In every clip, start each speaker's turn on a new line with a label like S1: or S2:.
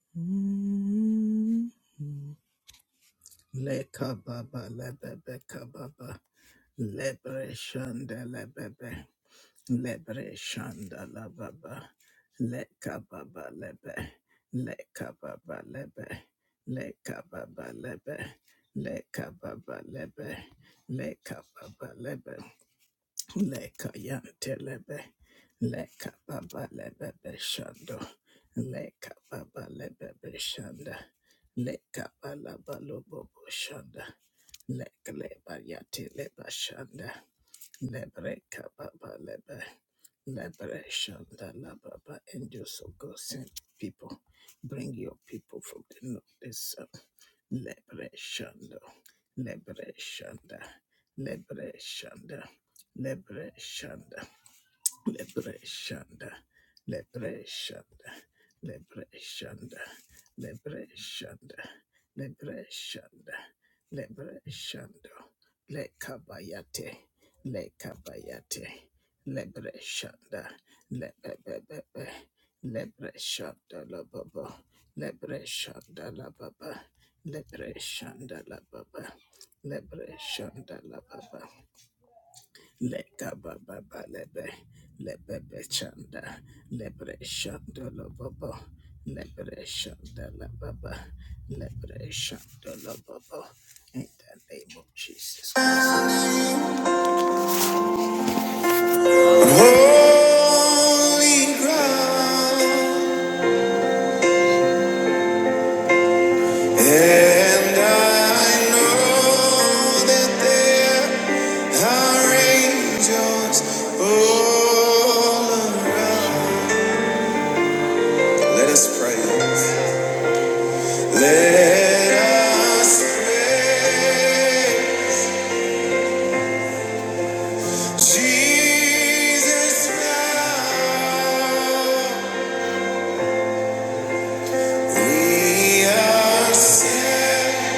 S1: Leka baba lebebe kababa lebre shanda lebebe lebre shanda la baba leka baba lebe leka baba lebe leka baba lebe leka baba lebe leka baba lebe Leka yantelebe, leka baba lebebe shando, leka baba lebebe shanda, leka bala balo bobo shanda, leka leba yate leba shanda, lebreka baba lebe, lebre shanda la baba and your so go send people, bring your people from the north, the south, lebre shando, lebre shanda, lebre shanda. Lebre Lebreshanda, Lebreshanda, Lebreshanda, Lebreshanda, Lebreshanda, Lebreshando, Lekabayate, Lekabayate, Lebreshanda, Lebebebebe, Lebreshanda la baba, Lebreshanda la baba, Lebreshanda la baba, Lebreshanda la baba, Leka baba balebe, lebebe chanda, lebre shanda la baba, lebre shanda la baba, lebre shanda la baba. In the name of Jesus Christ. Holy ground, and I know that there are angels all around. Let us pray. Let us pray, Jesus now. We are standing.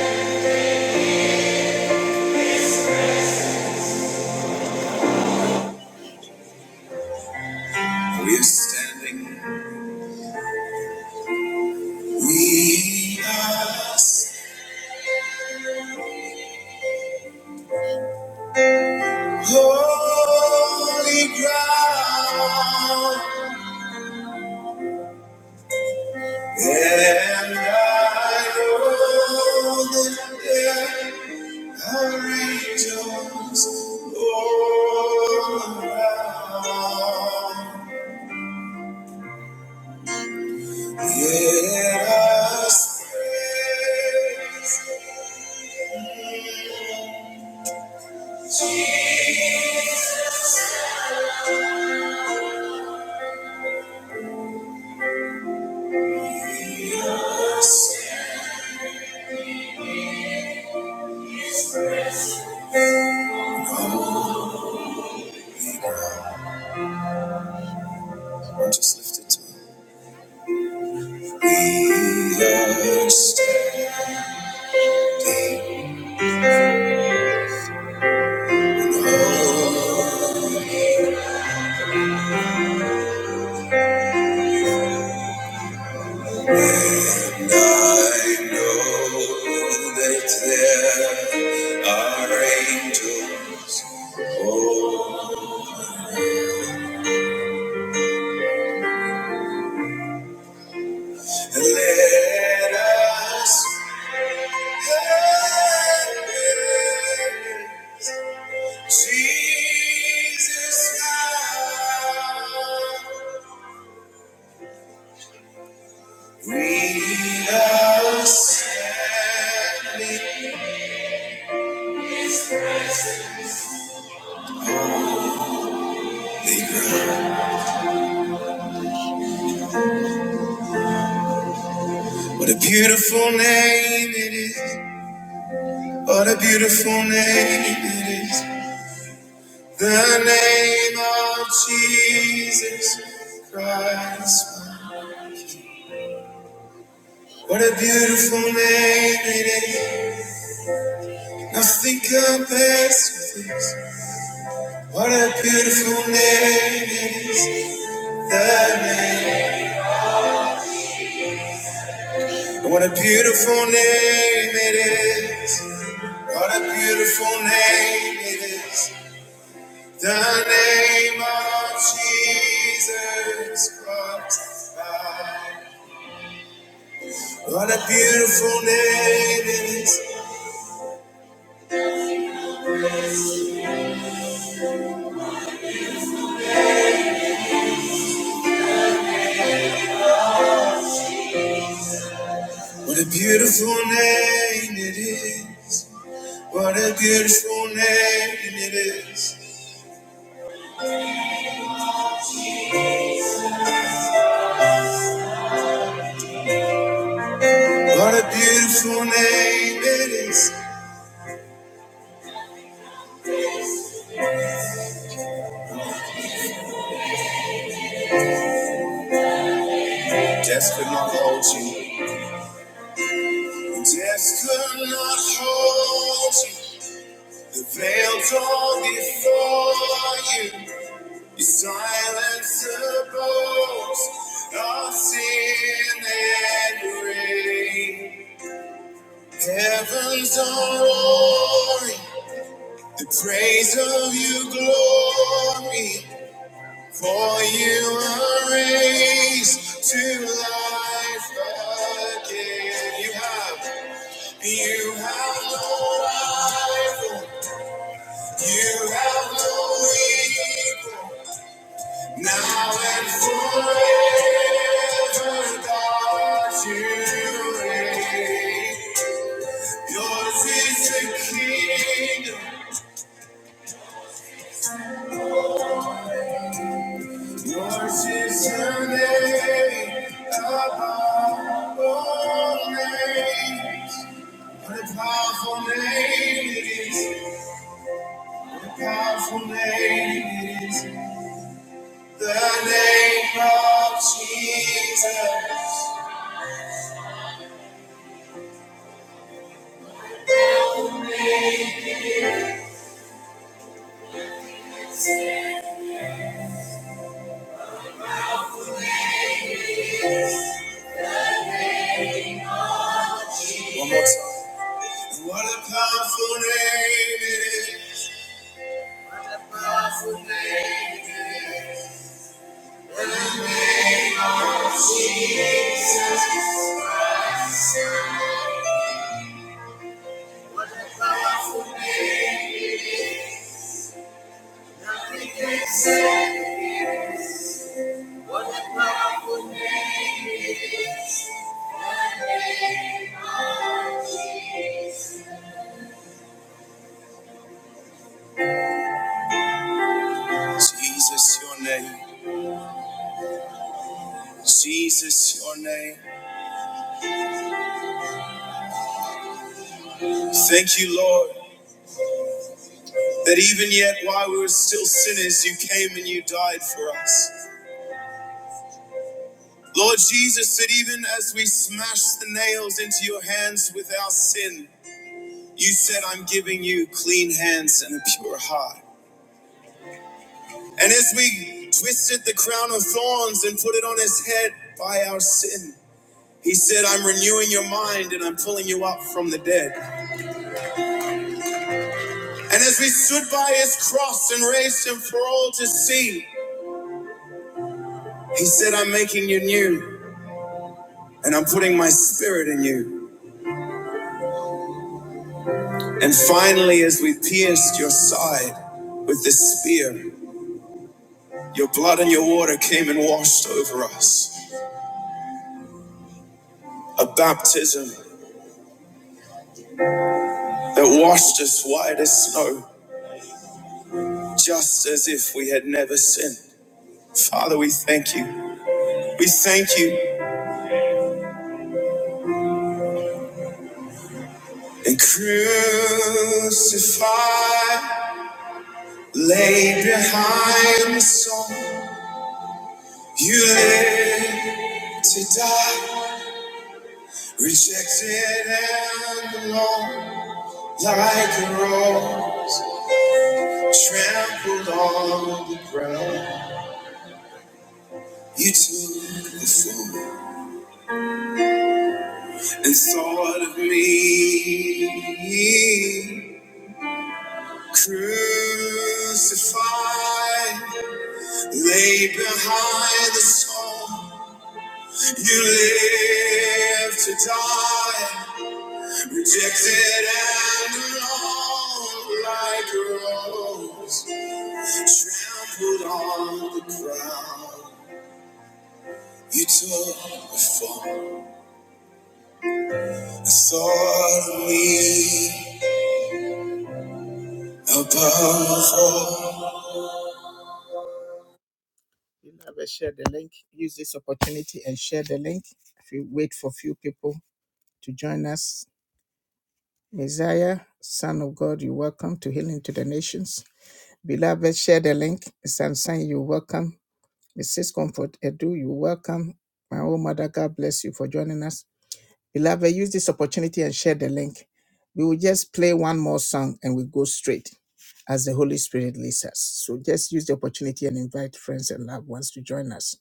S1: We are standing. We are holy ground. And I know that there. angels all around. Let us praise Jesus. Or just lift it to him. Be And I know that there are angels. all And let us hail Jesus now. We are standing the ground. What a beautiful name it is. What a beautiful name it is. The name of Jesus Christ. What a beautiful name it is. Nothing compares with this. What a beautiful name it is. The name. What a beautiful name it is. What a beautiful name it is. The name of Jesus Christ. What a beautiful name it is. What a beautiful name it is. What a beautiful name it is. What a beautiful name it is. Death could not hold you. Death could not hold you. The veil torn before you. You silence the boast of sin and rain. Heavens are roaring. The praise of you glory. For you are raised to life again. You have, you have no rival. You have no equal. Now and forever, God, you reign. Yours is the kingdom. Yours is the name above all names. What a powerful name it is. What a powerful name it is. The name of Jesus. One more time. What a powerful name it is. What a powerful name it is. What a powerful name it is. Nothing can save us. What a powerful name it is. The name of Jesus. Jesus, your name. Jesus, your name. Thank you, Lord, that even yet while we were still sinners, you came and you died for us. Lord Jesus, that even as we smashed the nails into your hands with our sin, you said, I'm giving you clean hands and a pure heart. And as we twisted the crown of thorns and put it on his head by our sin, he said, I'm renewing your mind and I'm pulling you up from the dead. And as we stood by his cross and raised him for all to see, he said, I'm making you new and I'm putting my spirit in you. And finally, as we pierced your side with the spear, your blood and your water came and washed over us. A baptism that washed us white as snow, just as if we had never sinned. Father, we thank you. We thank you. And crucified, laid behind the song. You lived to die, rejected and alone, like a rose trampled on the ground. You took the fool and thought of me. Crucified, laid behind the stone. You lived to die. Rejected and alone like a rose. trampled on the ground. You took the form I saw me above all. You know, let's share the link. Use this opportunity and share the link. If you wait for few people to join us, Messiah, Son of God, you're welcome to Healing to the Nations. Beloved, share the link. Samson, you're welcome. Mrs. Comfort Edu, you welcome. My own mother, God bless you for joining us. Beloved, use this opportunity and share the link. We will just play one more song and we go straight as the Holy Spirit leads us. So just use the opportunity and invite friends and loved ones to join us.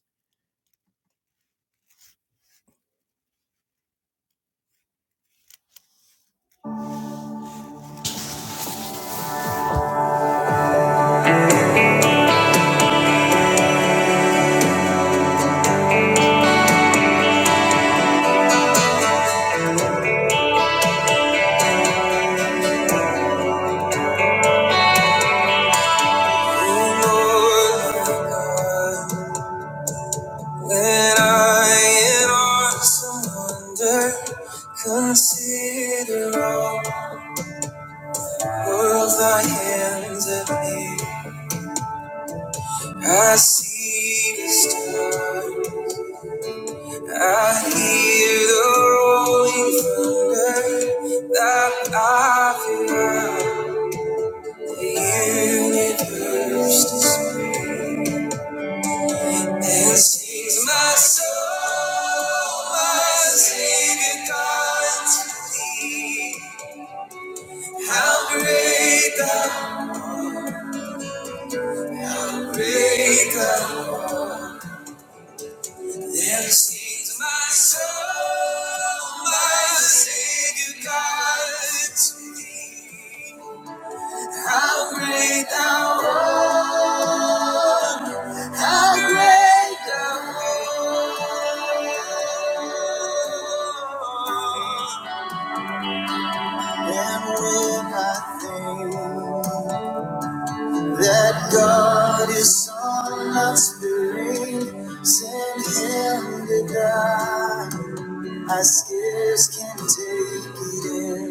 S1: When I in awesome wonder consider all world thy hands have made, I see the stars. I hear the rolling thunder that I feel the universe and sings my soul, my Savior God unto thee. How great thou, great thou, and sings my soul, my Savior God unto thee. How great thou art, how great thou art. And when I think that God is on my spirit, send him to die. I scarce can take it in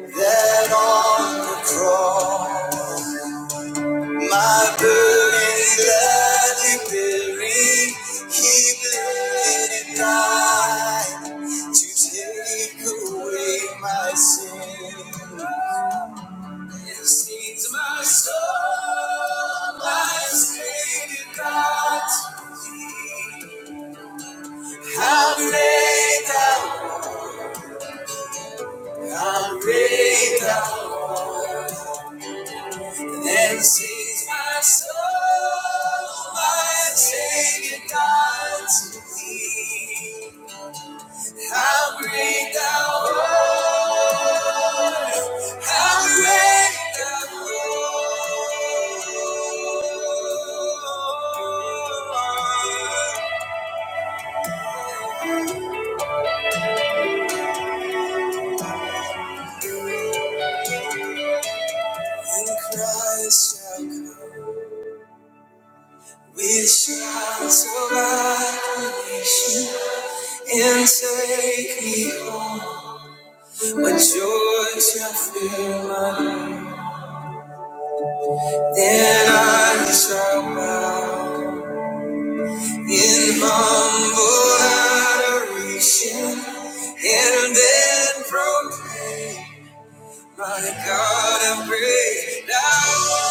S1: that on the cross. My burden gladly bearing, He bled and died to take away my sin. It seems my soul, my Savior God, how great thou, how great thou, and sings my soul, my Savior God to thee. How great thou art. We shall survive creation and take me home. My joy shall fill my home. Then I shall bow in humble adoration and then proclaim, My God, I'm great. Thou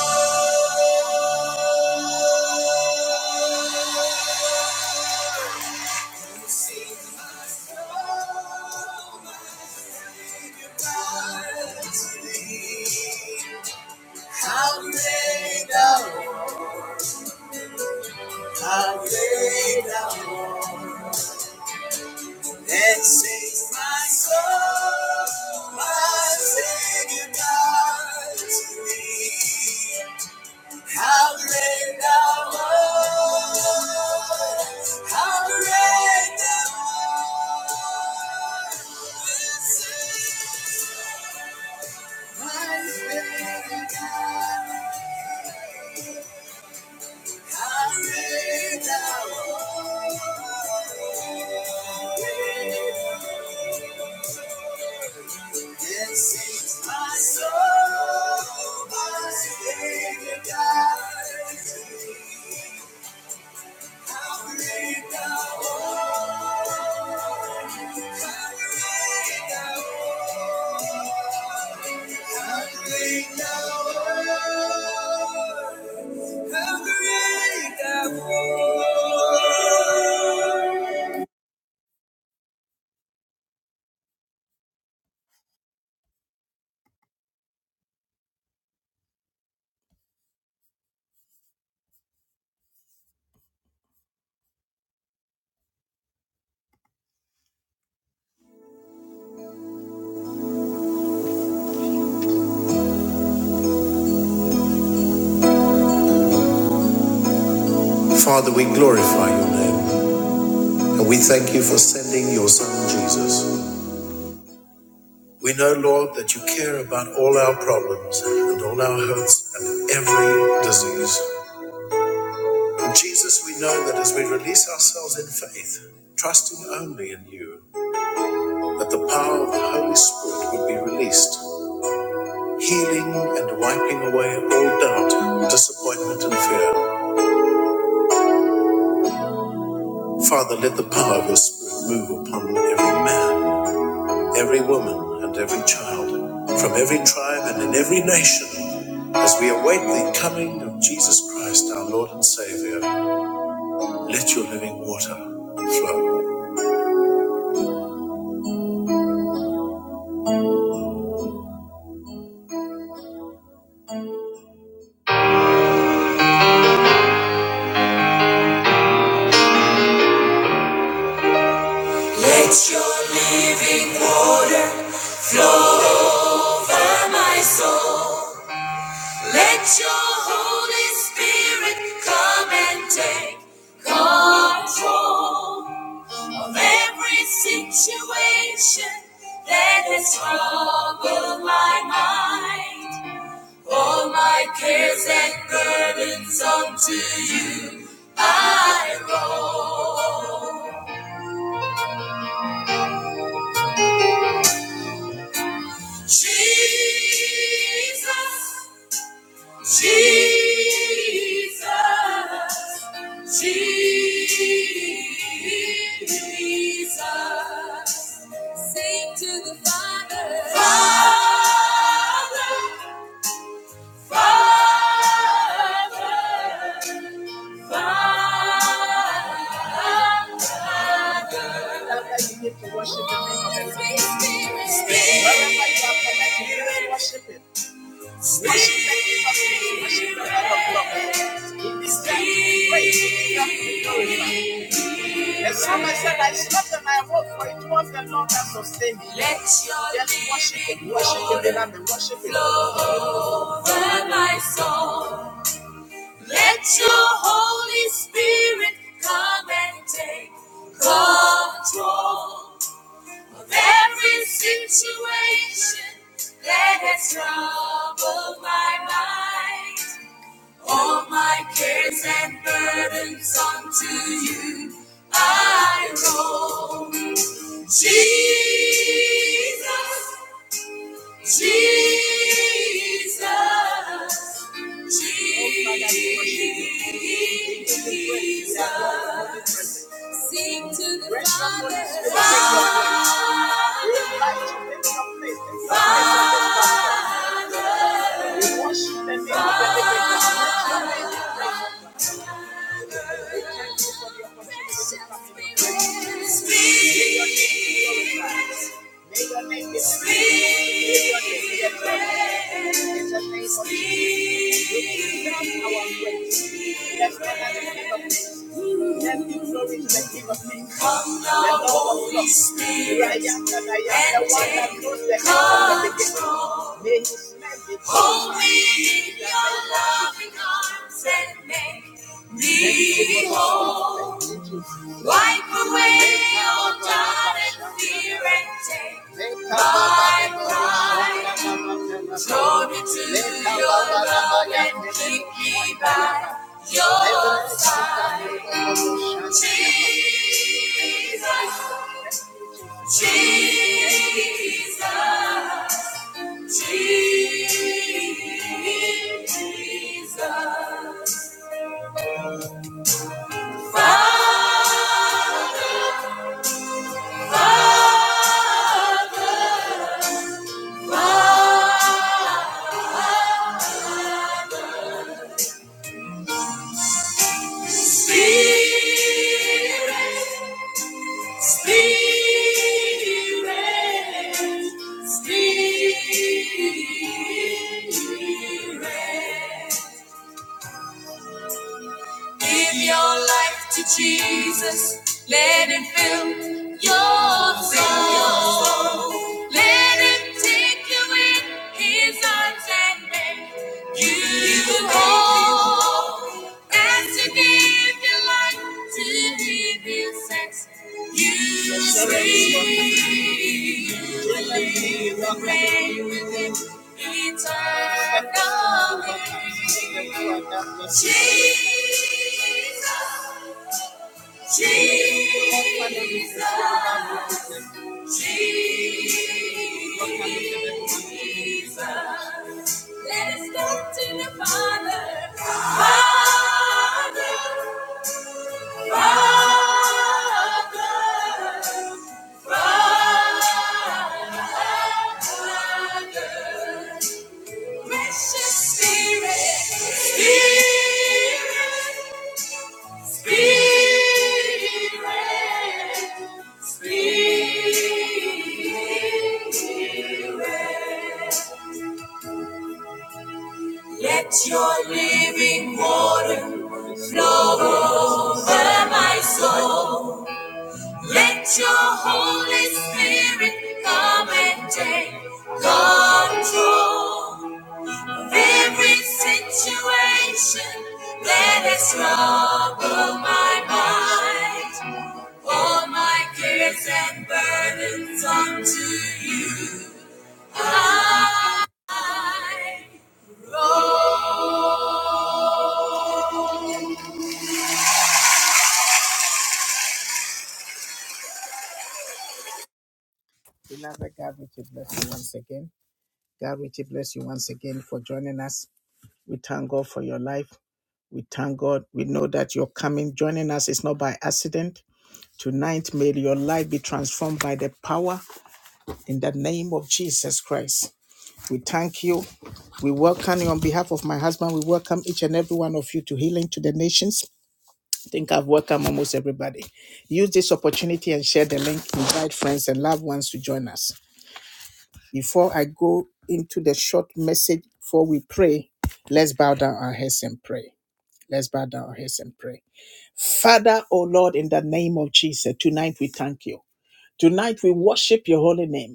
S1: Father, we glorify your name and we thank you for sending your son Jesus. We know, Lord, that you care about all our problems and all our hurts and every disease. And Jesus, we know that as we release ourselves in faith, trusting only in you, that the power of the Holy Spirit would be released healing and wiping away all doubt, disappointment, and fear. Father, let the power of your Spirit move upon every man, every woman, and every child, from every tribe and in every nation, as we await the coming of Jesus Christ, our Lord and Savior. Let your living water flow. Let your living water flow over my soul. Let your Holy Spirit come and take control of every situation that has troubled my mind. All my cares and burdens unto you I roll. Jesus, Jesus, Jesus, sing to the Father, Father, Father, Father. Love how you get to worship Him. Holy Spirit, Spirit. Love how you are connected. You can worship Him. The psalmist said, I slept and I woke, for it was the Lord that sustained me. Let your Just worship Him, worship Him, and worship Him. Flow over my soul. Let your Holy Spirit come and take control. Every situation that has troubled my mind, all my cares and burdens unto you I roll. Jesus, Jesus, Jesus, sing to the Father. Father. Father. Hold me in your loving arms and make Behold, wipe away all doubt and fear and take my pride. Draw me to your love and keep me by your side. Jesus, Jesus, Jesus. Spirit, Spirit, Spirit. Give your life to Jesus. Let it fill your soul. Let him take you in his arms and make you whole. As you give your life to him, he sets you free. You will live and reign with him eternally. Jesus, Jesus, Jesus. Let us go to the Father. Father, Father, Father. Precious Spirit, Spirit. Spirit, Spirit, let your living water flow over my soul. Let your Holy Spirit come and take control. Every situation that has troubled my mind, all my cares and burdens unto you I roll. Beloved God, we keep bless you once again. God, we keep bless you once again for joining us. We thank God for your life. We thank God. We know that you're coming, joining us. It's not by accident. Tonight, may your life be transformed by the power in the name of Jesus Christ. We thank you. We welcome you on behalf of my husband. We welcome each and every one of you to Healing to the Nations. I think I've welcomed almost everybody. Use this opportunity and share the link. Invite friends and loved ones to join us. Before I go into the short message, before we pray, let's bow down our heads and pray. Let's bow down our heads and pray. Father, O Lord, in the name of Jesus, tonight we thank you. Tonight we worship your holy name.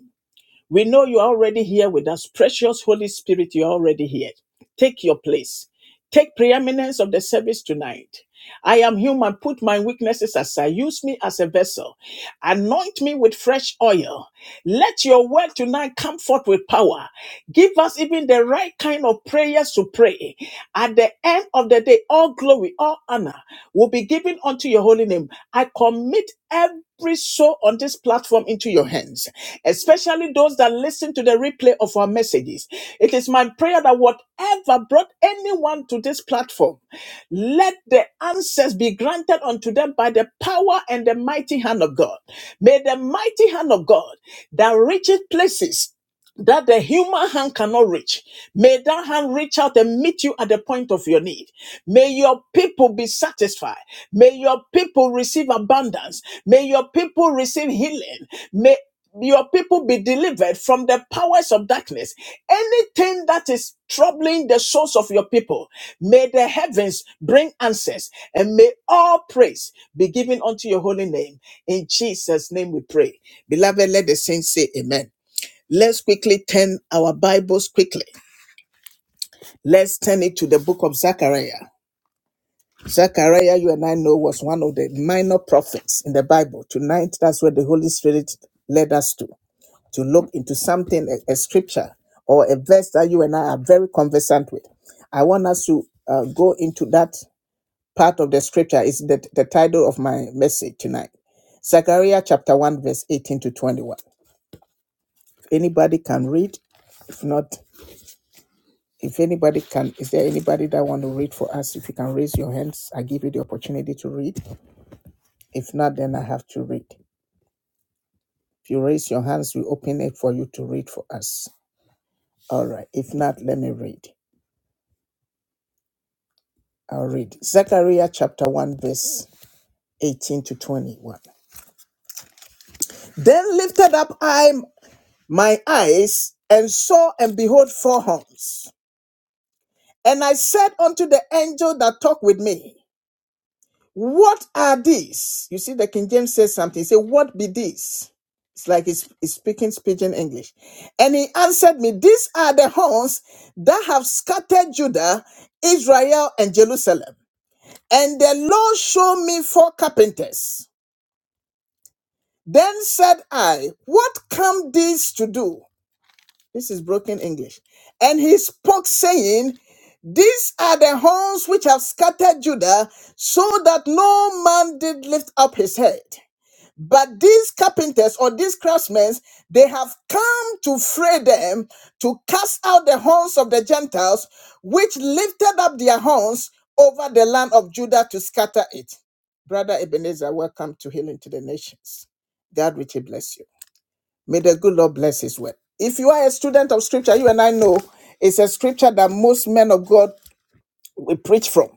S1: We know you are already here with us. Precious Holy Spirit, you are already here. Take your place. Take preeminence of the service tonight. I am human. Put my weaknesses aside. Use me as a vessel. Anoint me with fresh oil. Let your word tonight come forth with power. Give us even the right kind of prayers to pray. At the end of the day, all glory, all honor will be given unto your holy name. I commit every soul on this platform into your hands, especially those that listen to the replay of our messages. It is my prayer that whatever brought anyone to this platform, let the answers be granted unto them by the power and the mighty hand of God. May the mighty hand of God that reaches places that the human hand cannot reach. May that hand reach out and meet you at the point of your need. May your people be satisfied. May your people receive abundance. May your people receive healing. May your people be delivered from the powers of darkness. Anything that is troubling the souls of your people, may the heavens bring answers and may all praise be given unto your holy name. In Jesus' name we pray. Beloved, let the saints say amen. Let's quickly turn our Bibles quickly. Let's turn it to the book of Zechariah. Zechariah, you and I know, was one of the minor prophets in the Bible. Tonight, that's where the Holy Spirit led us to, to look into something, a, a scripture or a verse that you and I are very conversant with. I want us to uh, go into that part of the scripture. Is the, the title of my message tonight. Zechariah chapter 1, verse 18 to 21. If anybody can read, if not, If anybody can, is there anybody that want to read for us? If you can raise your hands, I give you the opportunity to read. If not, then I have to read. If you raise your hands, we open it for you to read for us. All right. If not, let me read. I'll read. Zechariah chapter 1, verse 18 to 21. Then lifted up I my eyes and saw and behold four horns. And I said unto the angel that talked with me, What are these? You see, the King James says something. He said, What be these? It's like he's, he's speaking pidgin English. And he answered me, These are the horns that have scattered Judah, Israel, and Jerusalem. And the Lord showed me four carpenters. Then said I, What come these to do? This is broken English. And he spoke, saying, These are the horns which have scattered Judah, so that no man did lift up his head. But these carpenters or these craftsmen, they have come to fray them to cast out the horns of the Gentiles, which lifted up their horns over the land of Judah to scatter it. Brother Ebenezer, welcome to Healing to the Nations. God richly bless you. May the good Lord bless his word. If you are a student of scripture, you and I know it's a scripture that most men of God will preach from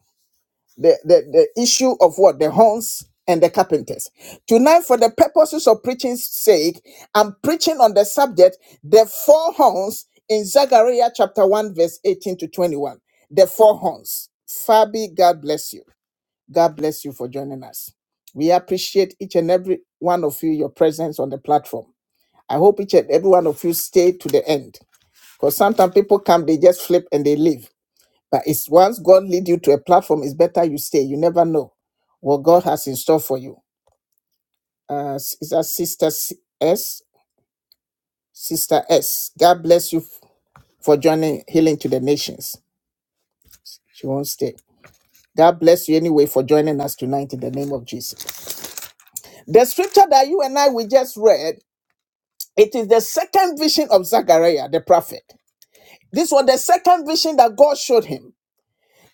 S1: the, the, the issue of what the horns and the carpenters tonight for the purposes of preaching's sake i'm preaching on the subject the four horns in zechariah chapter 1 verse 18 to 21 the four horns fabi god bless you god bless you for joining us we appreciate each and every one of you your presence on the platform i hope each and every one of you stay to the end because sometimes people come they just flip and they leave but it's once God lead you to a platform, it's better you stay. You never know what God has in store for you. Uh, s- is that Sister S? S? Sister S. God bless you f- for joining Healing to the Nations. She won't stay. God bless you anyway for joining us tonight in the name of Jesus. The scripture that you and I we just read, it is the second vision of Zechariah the prophet. This was the second vision that God showed him.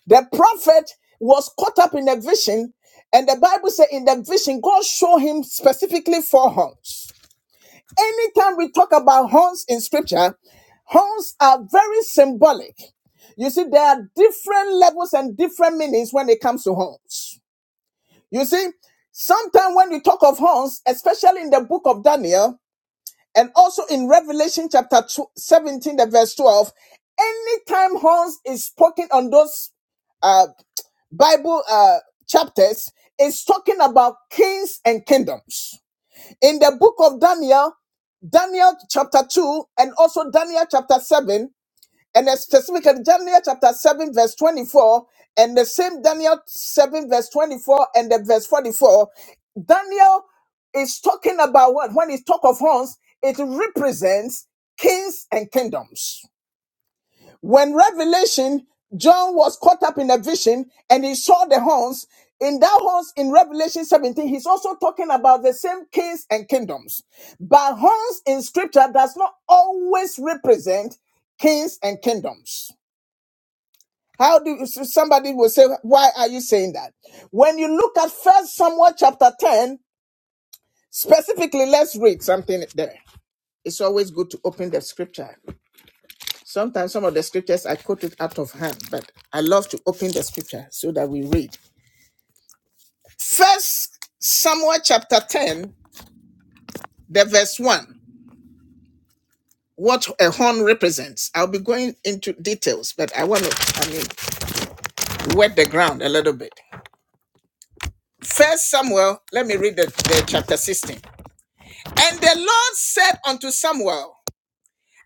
S1: The prophet was caught up in a vision, and the Bible said in the vision, God showed him specifically four horns. Anytime we talk about horns in scripture, horns are very symbolic. You see, there are different levels and different meanings when it comes to horns. You see, sometimes when we talk of horns, especially in the book of Daniel, and also in Revelation chapter 2, 17, the verse 12, anytime horns is spoken on those uh, Bible uh, chapters is talking about kings and kingdoms. In the book of Daniel, Daniel chapter 2, and also Daniel chapter 7, and specifically Daniel chapter 7, verse 24, and the same Daniel 4, is tons presents kings and kingdoms. When Revelation, John was caught up in a vision and he saw the horns. In that horns in Revelation 17, he's also talking about the same kings and kingdoms. But horns in scripture does not always represent kings and kingdoms. How do so somebody will say, why are you saying that? When you look at First Samuel chapter 10, specifically, let's read something there. It's always good to open the scripture. Sometimes some of the scriptures I quote it out of hand, but I love to open the scripture so that we read. First Samuel chapter 10, the verse 1. What a horn represents. I'll be going into details, but I want to, I mean, wet the ground a little bit. First Samuel, let me read the, the chapter 16. And the Lord said unto Samuel,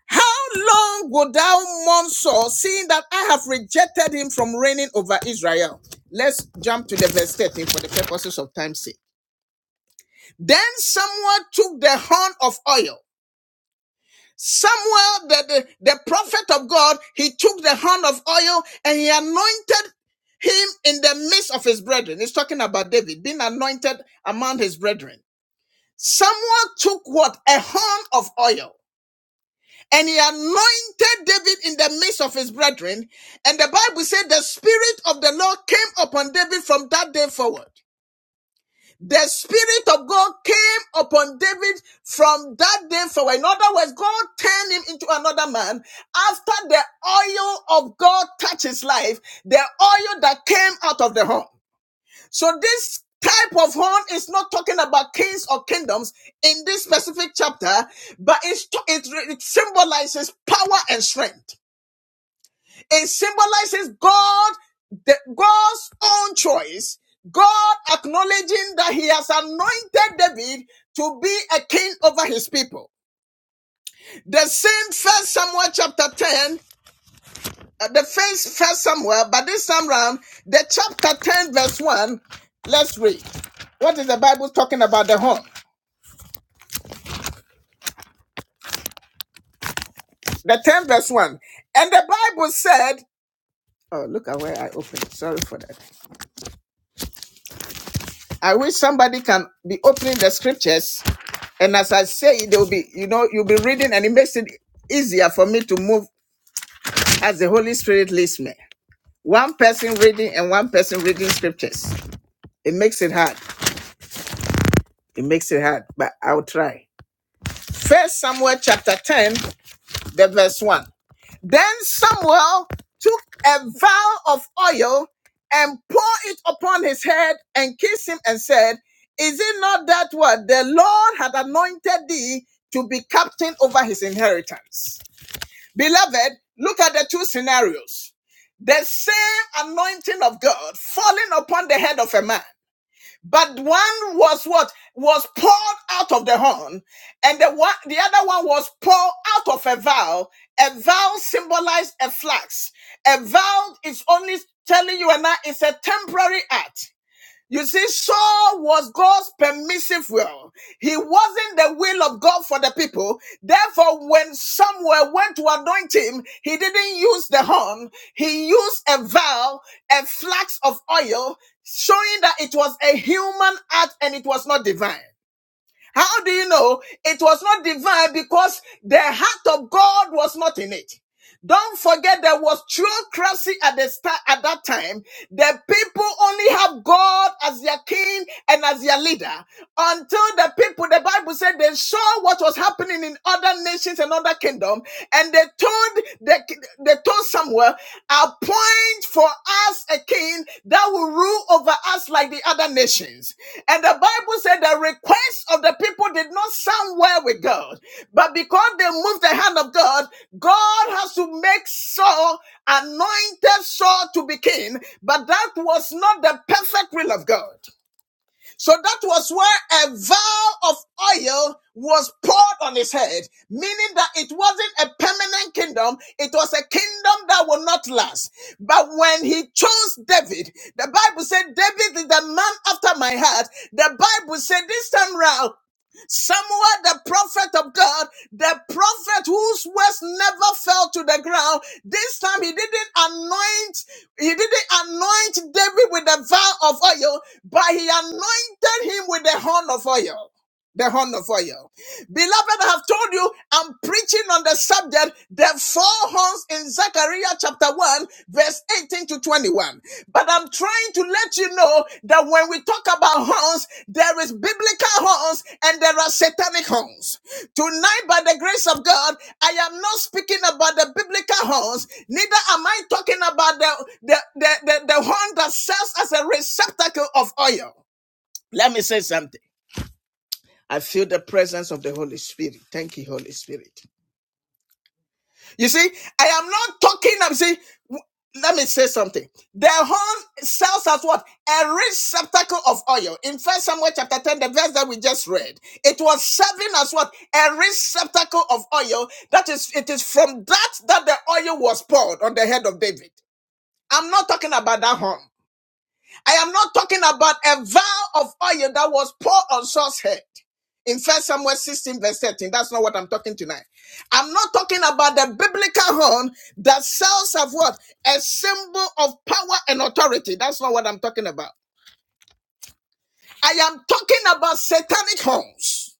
S1: How long wilt thou mourn Saul, seeing that I have rejected him from reigning over Israel? Let's jump to the verse 13 for the purposes of time's sake. Then Samuel took the horn of oil. Samuel, the, the, the prophet of God, he took the horn of oil and he anointed him in the midst of his brethren. He's talking about David being anointed among his brethren. Samuel took what? A horn of oil. And he anointed David in the midst of his brethren. And the Bible said the Spirit of the Lord came upon David from that day forward. The Spirit of God came upon David from that day forward. In other words, God turned him into another man after the oil of God touched his life, the oil that came out of the horn. So this type of horn is not talking about kings or kingdoms in this specific chapter, but it's, it, it symbolizes power and strength. It symbolizes God, the, God's own choice. God acknowledging that he has anointed David to be a king over his people. The same first Samuel chapter 10, uh, the first first Samuel, but this time round, the chapter 10 verse 1, let's read. What is the Bible talking about the horn? the 10 verse 1. And the Bible said, Oh, look at where I opened. Sorry for that. I wish somebody can be opening the scriptures. And as I say, they'll be, you know, you'll be reading, and it makes it easier for me to move as the Holy Spirit leads me. One person reading and one person reading scriptures. It makes it hard. It makes it hard, but I'll try. First Samuel chapter 10, the verse 1. Then Samuel took a vial of oil and poured it upon his head and kissed him and said, Is it not that what the Lord had anointed thee to be captain over his inheritance? Beloved, look at the two scenarios. The same anointing of God falling upon the head of a man but one was what was poured out of the horn, and the one the other one was poured out of a vial. A vial symbolized a flask. A vial is only telling you and I it's a temporary act. You see, Saul was God's permissive will. He wasn't the will of God for the people. Therefore, when Samuel went to anoint him, he didn't use the horn. He used a vial, a flax of oil, showing that it was a human act and it was not divine. How do you know it was not divine? Because the heart of God was not in it. Don't forget there was theocracy at the start at that time. The people only have God as their king and as their leader. Until the people, the Bible said they saw what was happening in other nations and other kingdoms, and they told they, they told Samuel appoint for us a king that will rule over us like the other nations. And the Bible said the request of the people did not sound well with God, but because they moved the hand of God, God has to make Saul anointed Saul to be king, but that was not the perfect will of God. So that was where a vial of oil was poured on his head, meaning that it wasn't a permanent kingdom. It was a kingdom that will not last. But when he chose David, the Bible said, David is the man after my heart. The Bible said this time round, Samuel, the prophet of God, the prophet whose words never fell to the ground. This time he didn't anoint, he didn't anoint David with a vial of oil, but he anointed him with a horn of oil the horn of oil. Beloved, I have told you I'm preaching on the subject, the four horns in Zechariah chapter 1, verse 18 to 21. But I'm trying to let you know that when we talk about horns, there is biblical horns and there are satanic horns. Tonight, by the grace of God, I am not speaking about the biblical horns, neither am I talking about the, the, the, the, the horn that serves as a receptacle of oil. Let me say something. I feel the presence of the Holy Spirit. Thank you, Holy Spirit. You see, I am not talking. I'm saying, let me say something. The horn serves as what? A receptacle of oil. In First Samuel chapter 10, the verse that we just read, it was serving as what? A receptacle of oil. That is, it is from that that the oil was poured on the head of David. I'm not talking about that horn. I am not talking about a vial of oil that was poured on Saul's head in First Samuel 16, verse 13. That's not what I'm talking tonight. I'm not talking about the biblical horn that sells of what? A symbol of power and authority. That's not what I'm talking about. I am talking about satanic horns.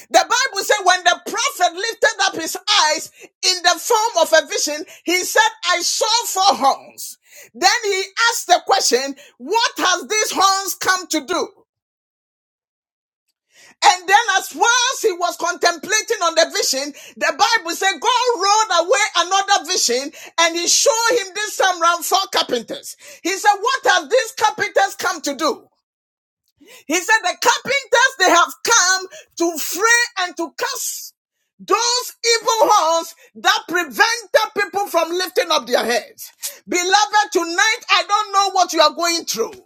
S1: The Bible said when the prophet lifted up his eyes in the form of a vision, he said, I saw four horns. Then he asked the question, what has these horns come to do? And then, as whilst he was contemplating on the vision, the Bible said God rolled away another vision and he showed him this time round four carpenters. He said, What have these carpenters come to do? He said, The carpenters, they have come to fray and to cast those evil horns that prevented people from lifting up their heads. Beloved, tonight I don't know what you are going through.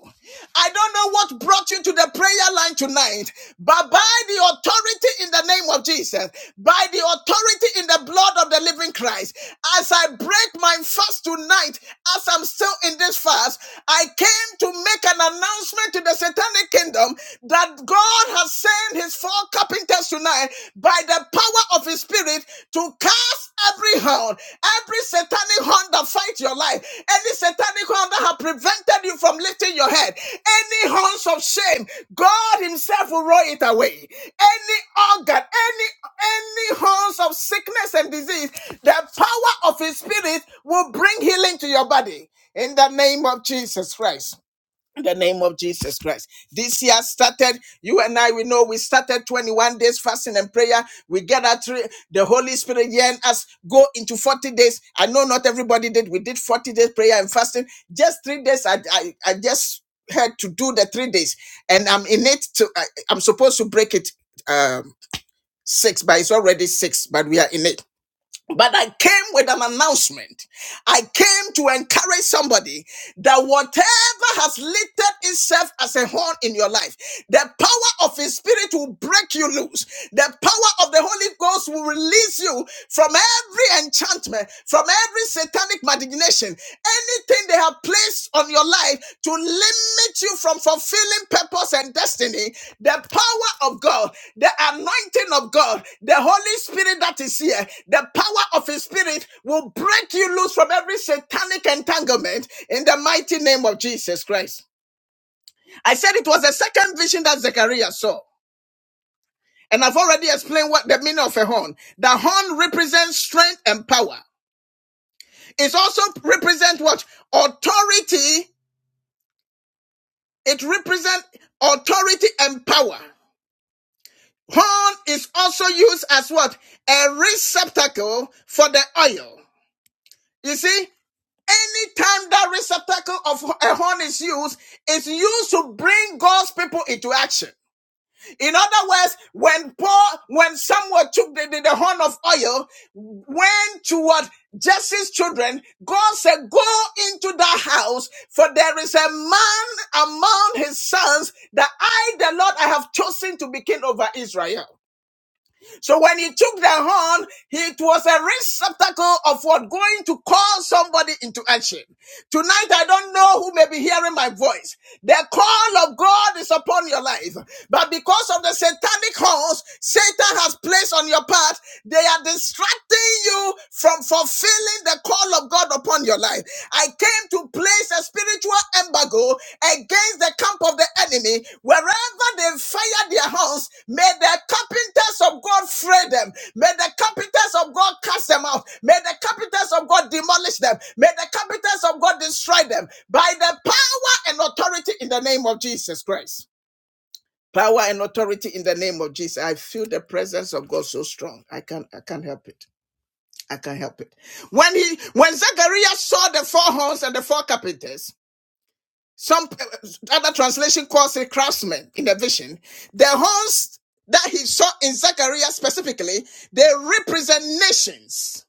S1: I don't know what brought you to the prayer line tonight, but by the authority in the name of Jesus, by the authority in the blood of the living Christ, as I break my fast tonight, as I'm still in this fast, I came to make an announcement to the satanic kingdom that God has sent his four carpenters tonight by the power of his spirit spirit to cast every hound, every satanic horn that fight your life, any satanic horn that have prevented you from lifting your head, any horns of shame, God Himself will roll it away. Any organ, any any horns of sickness and disease, the power of His Spirit will bring healing to your body in the name of Jesus Christ the name of Jesus Christ. This year started, you and I, we know we started 21 days fasting and prayer. We gather through the Holy Spirit here and us go into 40 days. I know not everybody did. We did 40 days prayer and fasting. Just three days, I, I, I just had to do the three days. And I'm in it to, I, I'm supposed to break it um, six, but it's already six, but we are in it. But I came with an announcement. I came to encourage somebody that whatever has lifted itself as a horn in your life, the power of His Spirit will break you loose. The power of the Holy Ghost will release you from every enchantment, from every satanic malignation, anything they have placed on your life to limit you from fulfilling purpose and destiny. The power of God, the anointing of God, the Holy Spirit that is here, the power of His Spirit will break you loose from every satanic entanglement in the mighty name of Jesus Christ. I said it was the second vision that Zechariah saw. And I've already explained what the meaning of a horn. The horn represents strength and power. It also represents what? Authority. It represents authority and power. Horn is also used as what? A receptacle for the oil. You see, anytime that receptacle of a horn is used, it's used to bring God's people into action. In other words, when Paul, when someone took the, the, the horn of oil, went toward Jesse's children, God said, go into the house, for there is a man among his sons that I, the Lord, I have chosen to be king over Israel. So when he took the horn, it was a receptacle of what going to call somebody into action. Tonight, I don't know who may be hearing my voice. The call of God is upon your life. But because of the satanic horns Satan has placed on your path, they are distracting you from fulfilling the call of God upon your life. I came to place a spiritual embargo against the camp of the enemy Wherever they fire their house, may the carpenters of God fray them. May the carpenters of God cast them out. May the carpenters of God demolish them. May the carpenters of God destroy them by the power and authority in the name of Jesus Christ. Power and authority in the name of Jesus. I feel the presence of God so strong. I can't I can't help it. I can't help it. When he when Zechariah saw the four horns and the four carpenters, some uh, other translation calls it craftsmen in the vision. The horns that he saw in Zechariah specifically, they represent nations.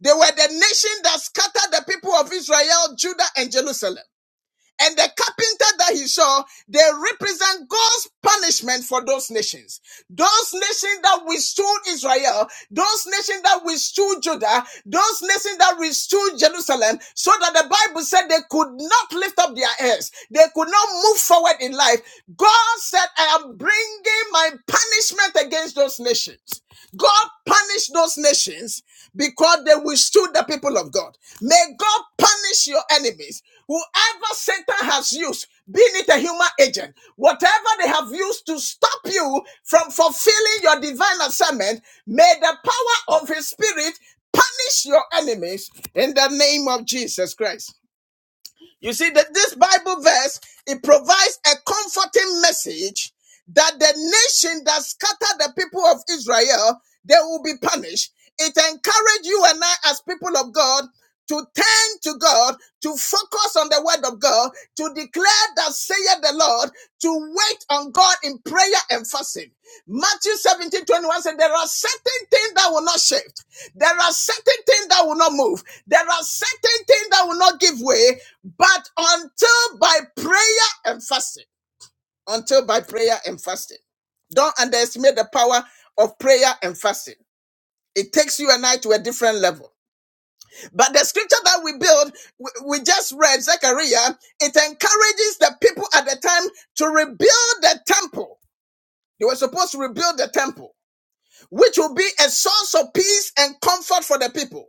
S1: They were the nation that scattered the people of Israel, Judah, and Jerusalem. And the carpenter that he saw, they represent God's punishment for those nations. Those nations that withstood Israel, those nations that withstood Judah, those nations that withstood Jerusalem, so that the Bible said they could not lift up their heads. They could not move forward in life. God said, I am bringing my punishment against those nations. God punished those nations because they withstood the people of God. May God punish your enemies. Whoever Satan has used, be it a human agent, whatever they have used to stop you from fulfilling your divine assignment, may the power of his spirit punish your enemies in the name of Jesus Christ. You see that this Bible verse it provides a comforting message that the nation that scattered the people of Israel they will be punished. It encourages you and I as people of God to turn to God, to focus on the word of God, to declare that saith the Lord, to wait on God in prayer and fasting. Matthew seventeen twenty one 21 said, there are certain things that will not shift. There are certain things that will not move. There are certain things that will not give way but until by prayer and fasting, until by prayer and fasting, don't underestimate the power of prayer and fasting. It takes you and I to a different level. But the scripture that we build, we we just read Zechariah, it encourages the people at the time to rebuild the temple. They were supposed to rebuild the temple, which will be a source of peace and comfort for the people.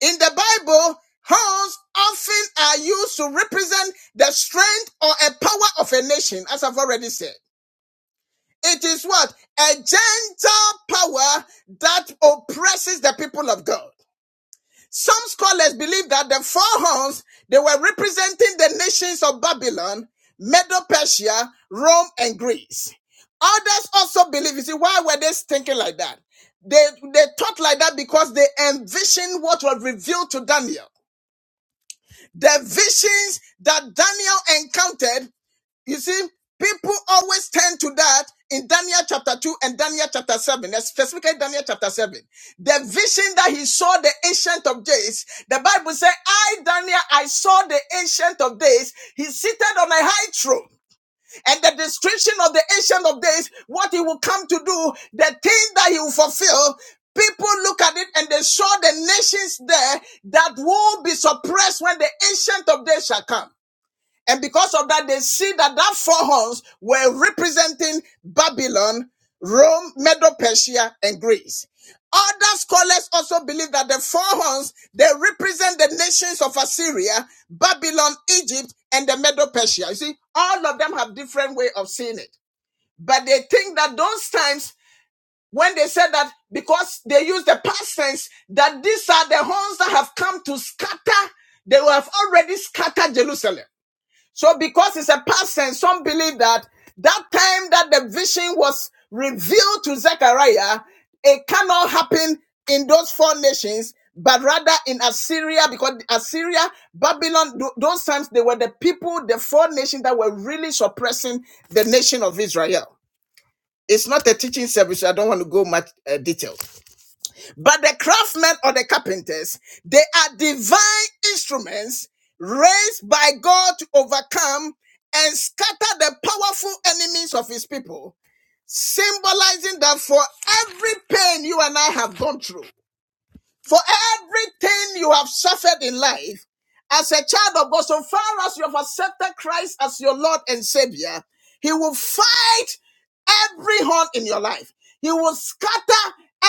S1: In the Bible, horns often are used to represent the strength or a power of a nation, as I've already said. It is what? A gentle power that oppresses the people of God. Some scholars believe that the four horns, they were representing the nations of Babylon, Medo-Persia, Rome, and Greece. Others also believe, you see, why were they thinking like that? They, they thought like that because they envisioned what was revealed to Daniel. The visions that Daniel encountered, you see, people always tend to that in Daniel chapter 2 and Daniel chapter 7, specifically Daniel chapter 7. The vision that he saw the ancient of days, the Bible said, I, Daniel, I saw the ancient of days. He's seated on a high throne and the description of the ancient of days, what he will come to do, the things that he will fulfill. People look at it and they saw the nations there that will be suppressed when the ancient of days shall come. And because of that, they see that that four horns were representing Babylon, Rome, Medo Persia, and Greece. Other scholars also believe that the four horns they represent the nations of Assyria, Babylon, Egypt, and the Medo Persia. You see, all of them have different way of seeing it, but they think that those times when they said that because they use the past tense that these are the horns that have come to scatter, they have already scattered Jerusalem. So because it's a person, some believe that that time that the vision was revealed to Zechariah, it cannot happen in those four nations, but rather in Assyria, because Assyria, Babylon, those times they were the people, the four nations that were really suppressing the nation of Israel. It's not so much detail. The craftsmen or the carpenters, they are divine instruments raised by God to overcome and scatter the powerful enemies of his people. symbolizing that for every pain you and I have gone through, for everything you have suffered in life, as a child of God, so far as you have accepted Christ as your Lord and Savior, He will fight every horn in your life. He will scatter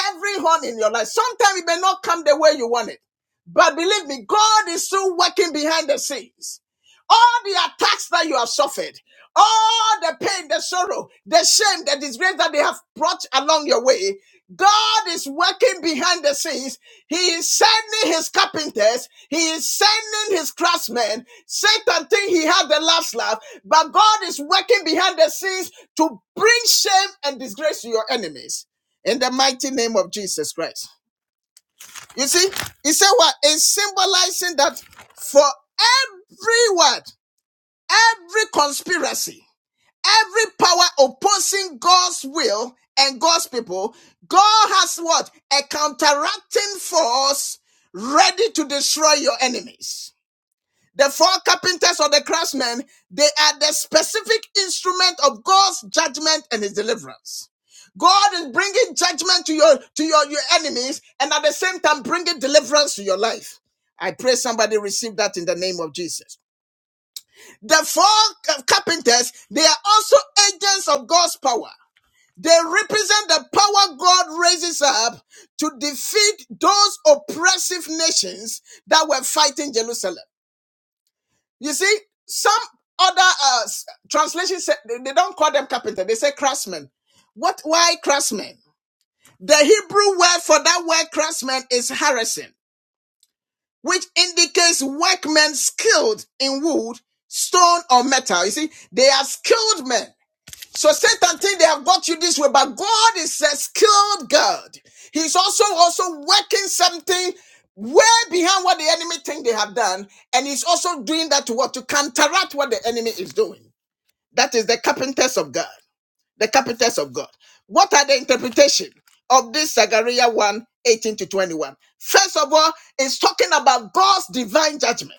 S1: every horn in your life. Sometimes it may not come the way you want it, but believe me, God is still working behind the scenes all the attacks that you have suffered, all the pain, the sorrow, the shame, the disgrace that they have brought along your way, God is working behind the scenes. He is sending his carpenters. He is sending his craftsmen. Satan think he had the last laugh, but God is working behind the scenes to bring shame and disgrace to your enemies. In the mighty name of Jesus Christ. You see, he said what? It's symbolizing that for every word every conspiracy, every power opposing God's will and God's people, God has what? A counteracting force ready to destroy your enemies. The four carpenters or the craftsmen, they are the specific instrument of God's judgment and his deliverance. God is bringing judgment to your to your, your enemies and at the same time bringing deliverance to your life. I pray somebody receive that in the name of Jesus. The four carpenters, they are also agents of God's power. They represent the power God raises up to defeat those oppressive nations that were fighting Jerusalem. You see, some other uh, s- they they don't call them carpenter; they say craftsmen. What? Why craftsmen? The Hebrew word for that word craftsman is harrison, which indicates workmen skilled in wood, stone, or metal. You see, they are skilled men So Satan think they have got you this way, but God is a skilled God. He's also also working something way behind what the enemy think they have done, and he's also doing that to what to counteract what the enemy is doing. That is the carpenters of God. The carpenters of God. What are the interpretation of this Zechariah one 18 to 21? First of all, it's talking about God's divine judgment.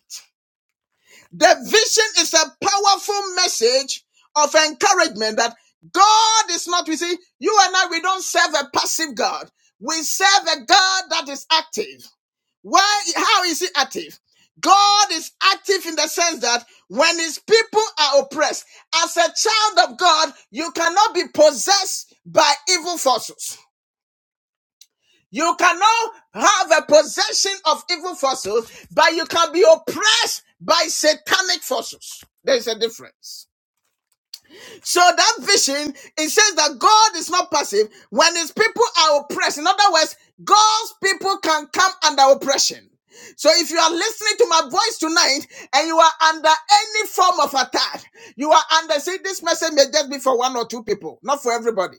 S1: The vision is a powerful message of encouragement that God is not, we see, you and I, we don't serve a passive God. We serve a God that is active. Why, how is he active? God is active in the sense that when his people are oppressed, as a child of God, you cannot be possessed by evil forces. You cannot have a possession of evil forces, but you can be oppressed by satanic forces. There's a difference. So that vision, it says that God is not passive when his people are oppressed. In other words, God's people can come under oppression. So if you are listening to my voice tonight and you are under any form of attack, you are under, see, this message may just be for one or two people, not for everybody.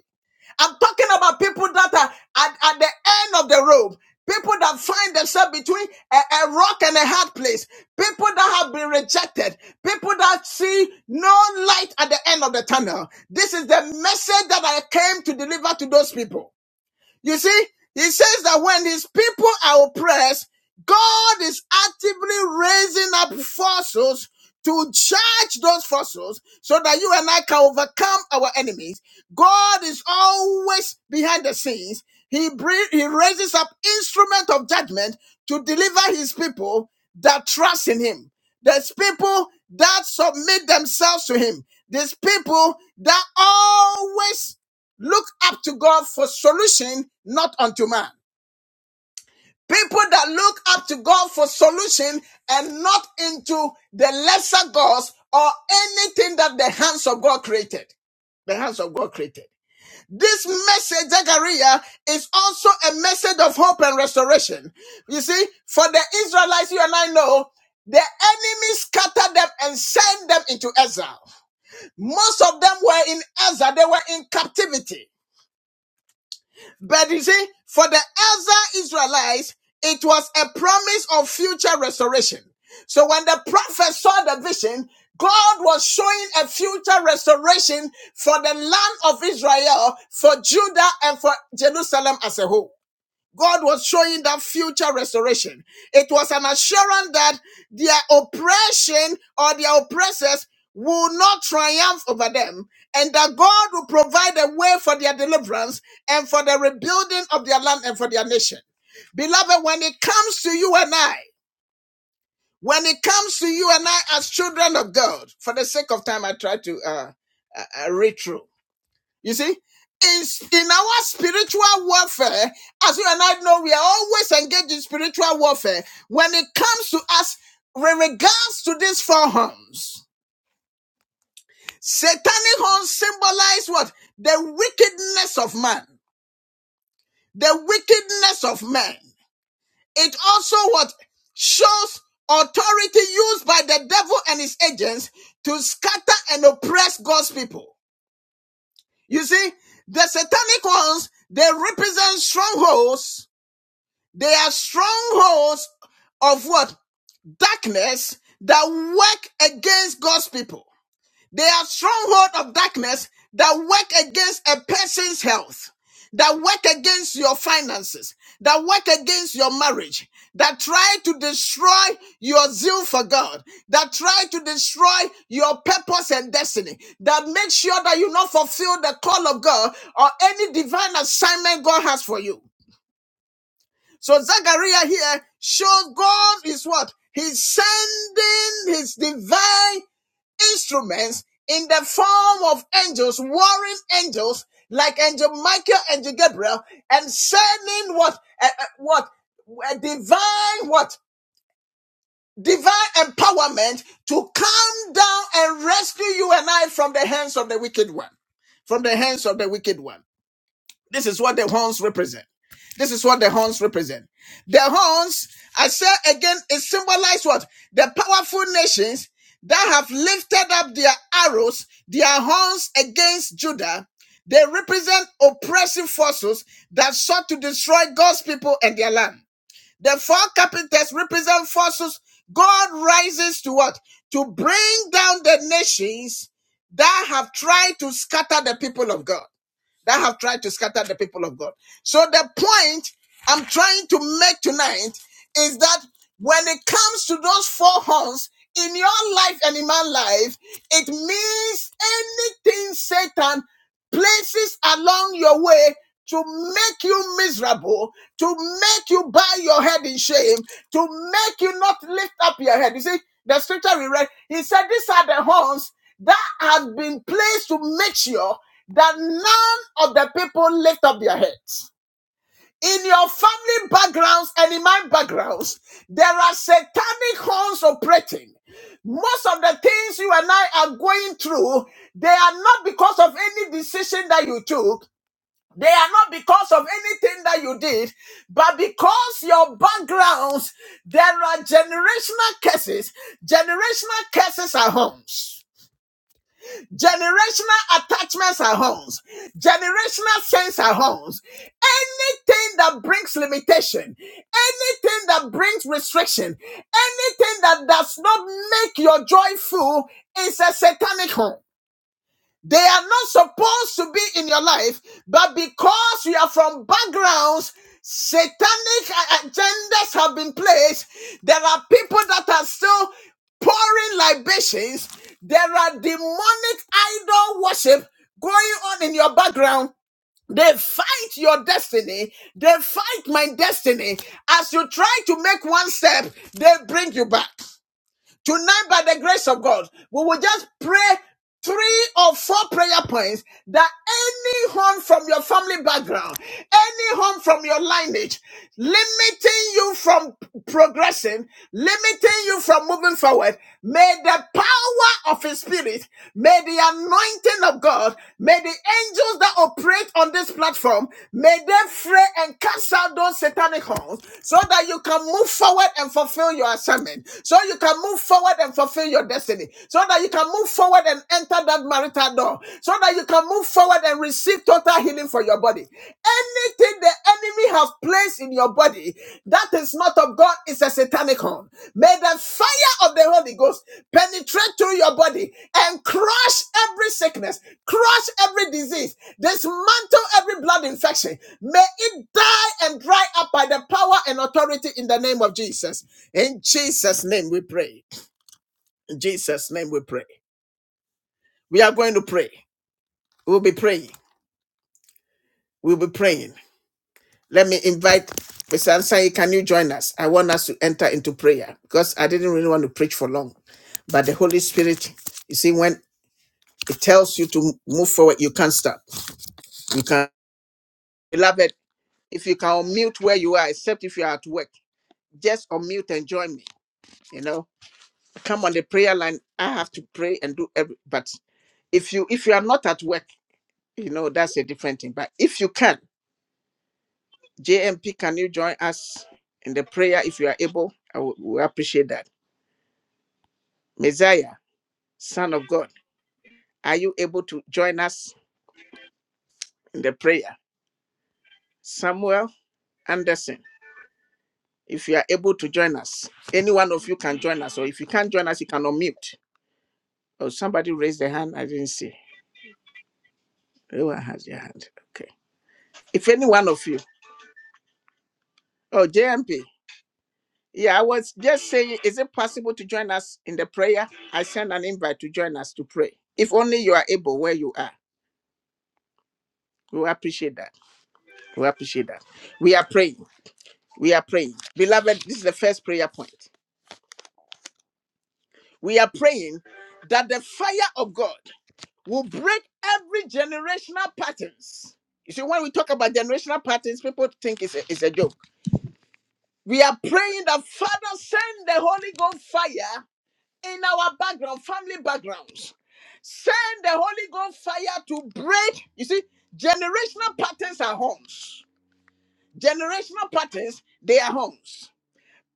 S1: I'm talking about people that are at, at the end of the rope. People that find themselves between a, a rock and a hard place. People that have been rejected. People that see no light at the end of the tunnel. This is the message that I came to deliver to those people. You see, he says that when his people are oppressed, God is actively raising up forces to judge those forces so that you and I can overcome our enemies. God is always behind the scenes. He, bring, he raises up instrument of judgment to deliver his people that trust in him. There's people that submit themselves to him. There's people that always look up to God for solution, not unto man. People that look up to God for solution and not into the lesser gods or anything that the hands of God created. The hands of God created. This message, Zechariah, is also a message of hope and restoration. You see, for the Israelites, you and I know, the enemy scattered them and sent them into exile. Most of them were in exile, they were in captivity. But you see, for the elder Israelites, it was a promise of future restoration. So when the prophet saw the vision, God was showing a future restoration for the land of Israel, for Judah, and for Jerusalem as a whole. God was showing that future restoration. It was an assurance that their oppression or their oppressors will not triumph over them, and that God will provide a way for their deliverance and for the rebuilding of their land and for their nation. Beloved, when it comes to you and I, when it comes to you and I as children of God, for the sake of time, I try to uh, uh, uh, read through. You see, in, in our spiritual warfare, as you and I know, we are always engaged in spiritual warfare. When it comes to us, with regards to these four horns, satanic horns symbolize what? The wickedness of man, the wickedness of man. It also what shows authority used by the devil and his agents to scatter and oppress God's people. You see, the satanic horns, they represent strongholds They are strongholds of what? Darkness that work against God's people. They are stronghold of darkness that work against a person's health, that work against your finances, that work against your marriage, that try to destroy your zeal for God, that try to destroy your purpose and destiny, that make sure that you not fulfill the call of God or any divine assignment God has for you. So Zachariah here shows God is what? He's sending his divine instruments in the form of angels, warring angels, like angel Michael, angel Gabriel, and sending what, uh, uh, what, a divine, what, divine empowerment to come down and rescue you and I from the hands of the wicked one, from the hands of the wicked one. This is what the horns represent. This is what the horns represent. The horns, I say again, it symbolizes what? The powerful nations that have lifted up their arrows, their horns against Judah. They represent oppressive forces that sought to destroy God's people and their land. The four capitals represent forces God rises to what? To bring down the nations that have tried to scatter the people of God that have tried to scatter the people of God. So the point I'm trying to make tonight is that when it comes to those four horns in your life and in my life, it means anything Satan places along your way to make you miserable, to make you bow your head in shame, to make you not lift up your head. You see, the scripture we read, he said, These are the horns that have been placed to make sure that none of the people lift up their heads in your family backgrounds and in my backgrounds, there are satanic horns operating. Most of the things you and I are going through, they are not because of any decision that you took. They are not because of anything that you did, but because your backgrounds, there are generational curses. Generational curses are homes. Generational attachments are homes. Generational sins are homes. Anything that brings limitation, anything that brings restriction, anything that does not make your joy full is a satanic home. They are not supposed to be in your life, but because you are from backgrounds, satanic uh, agendas have been placed. There are people that are still pouring libations. There are demonic idol worship going on in your background. They fight your destiny. They fight my destiny. As you try to make one step, they bring you back. Tonight, by the grace of God, we will just pray three or four prayer points that any harm from your family background, any harm from your lineage, limiting you from progressing, limiting you from moving forward, may the power of His Spirit, may the anointing of God, may the angels that operate on this platform, may they fray and cast out those satanic halls so that you can move forward and fulfill your assignment, so you can move forward and fulfill your destiny, so that you can move forward and enter that marital door, so that you can move forward and receive total healing for your body. Anything the enemy has placed in your body that is not of God is a satanic horn. May the fire of the Holy Ghost penetrate through your body and crush every sickness, crush every disease, dismantle every blood infection. May it and dry up by the power and authority in the name of Jesus. In Jesus' name we pray. In Jesus' name we pray. We are going to pray. We'll be praying. We'll be praying. Let me invite Mr. Ansai. Can you join us? I want us to enter into prayer because I didn't really want to preach for long. But the Holy Spirit, you see, when it tells you to move forward, you can't stop. You can't. Beloved, if you can unmute where you are, except if you are at work, just unmute and join me. You know, come on the prayer line i have to pray and do every but if you if you are not at work you know that's a different thing but if you can jmp can you join us in the prayer if you are able i would we appreciate that messiah son of god are you able to join us in the prayer samuel anderson if you are able to join us any one of you can join us or if you can't join us you can unmute oh somebody raised their hand i didn't see everyone has their hand okay if any one of you oh jmp Yeah, I was just saying, is it possible to join us in the prayer? I send an invite to join us to pray. If only you are able where you are. We will appreciate that. We will appreciate that. We are praying. We are praying. Beloved, this is the first prayer point. We are praying that the fire of God will break every generational patterns. You see, when we talk about generational patterns, people think it's a, it's a joke. We are praying that Father send the Holy Ghost fire in our background, family backgrounds Send the Holy Ghost fire to break. You see, generational patterns are horns. Generational patterns, they are horns.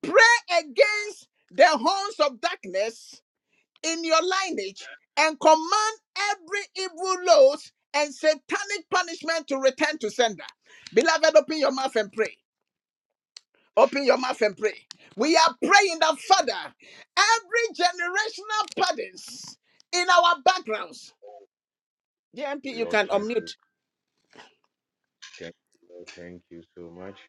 S1: Pray against the horns of darkness in your lineage and command every evil load and satanic punishment to return to sender. Beloved, open your mouth and pray. Open your mouth and pray. We are praying that, Father, every generational patterns in our backgrounds. DMP, you
S2: Lord,
S1: can
S2: thank
S1: unmute
S2: you. Thank you, Lord. Thank you so much.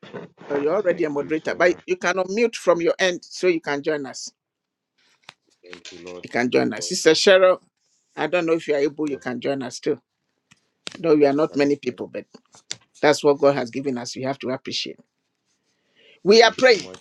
S1: Oh, you're already a
S2: Thank you
S1: moderator,
S2: so
S1: but
S2: much.
S1: you can unmute from your end so you can join us.
S2: Thank you, Lord.
S1: You can
S2: Thank you,
S1: join us.
S2: Lord.
S1: Sister Cheryl, I don't know if you are able, you
S2: Lord,
S1: can join us too. Though we are not
S2: Father,
S1: many
S2: thank
S1: people, but that's what God has given us. We have to appreciate. We are
S2: you
S1: praying.
S2: so much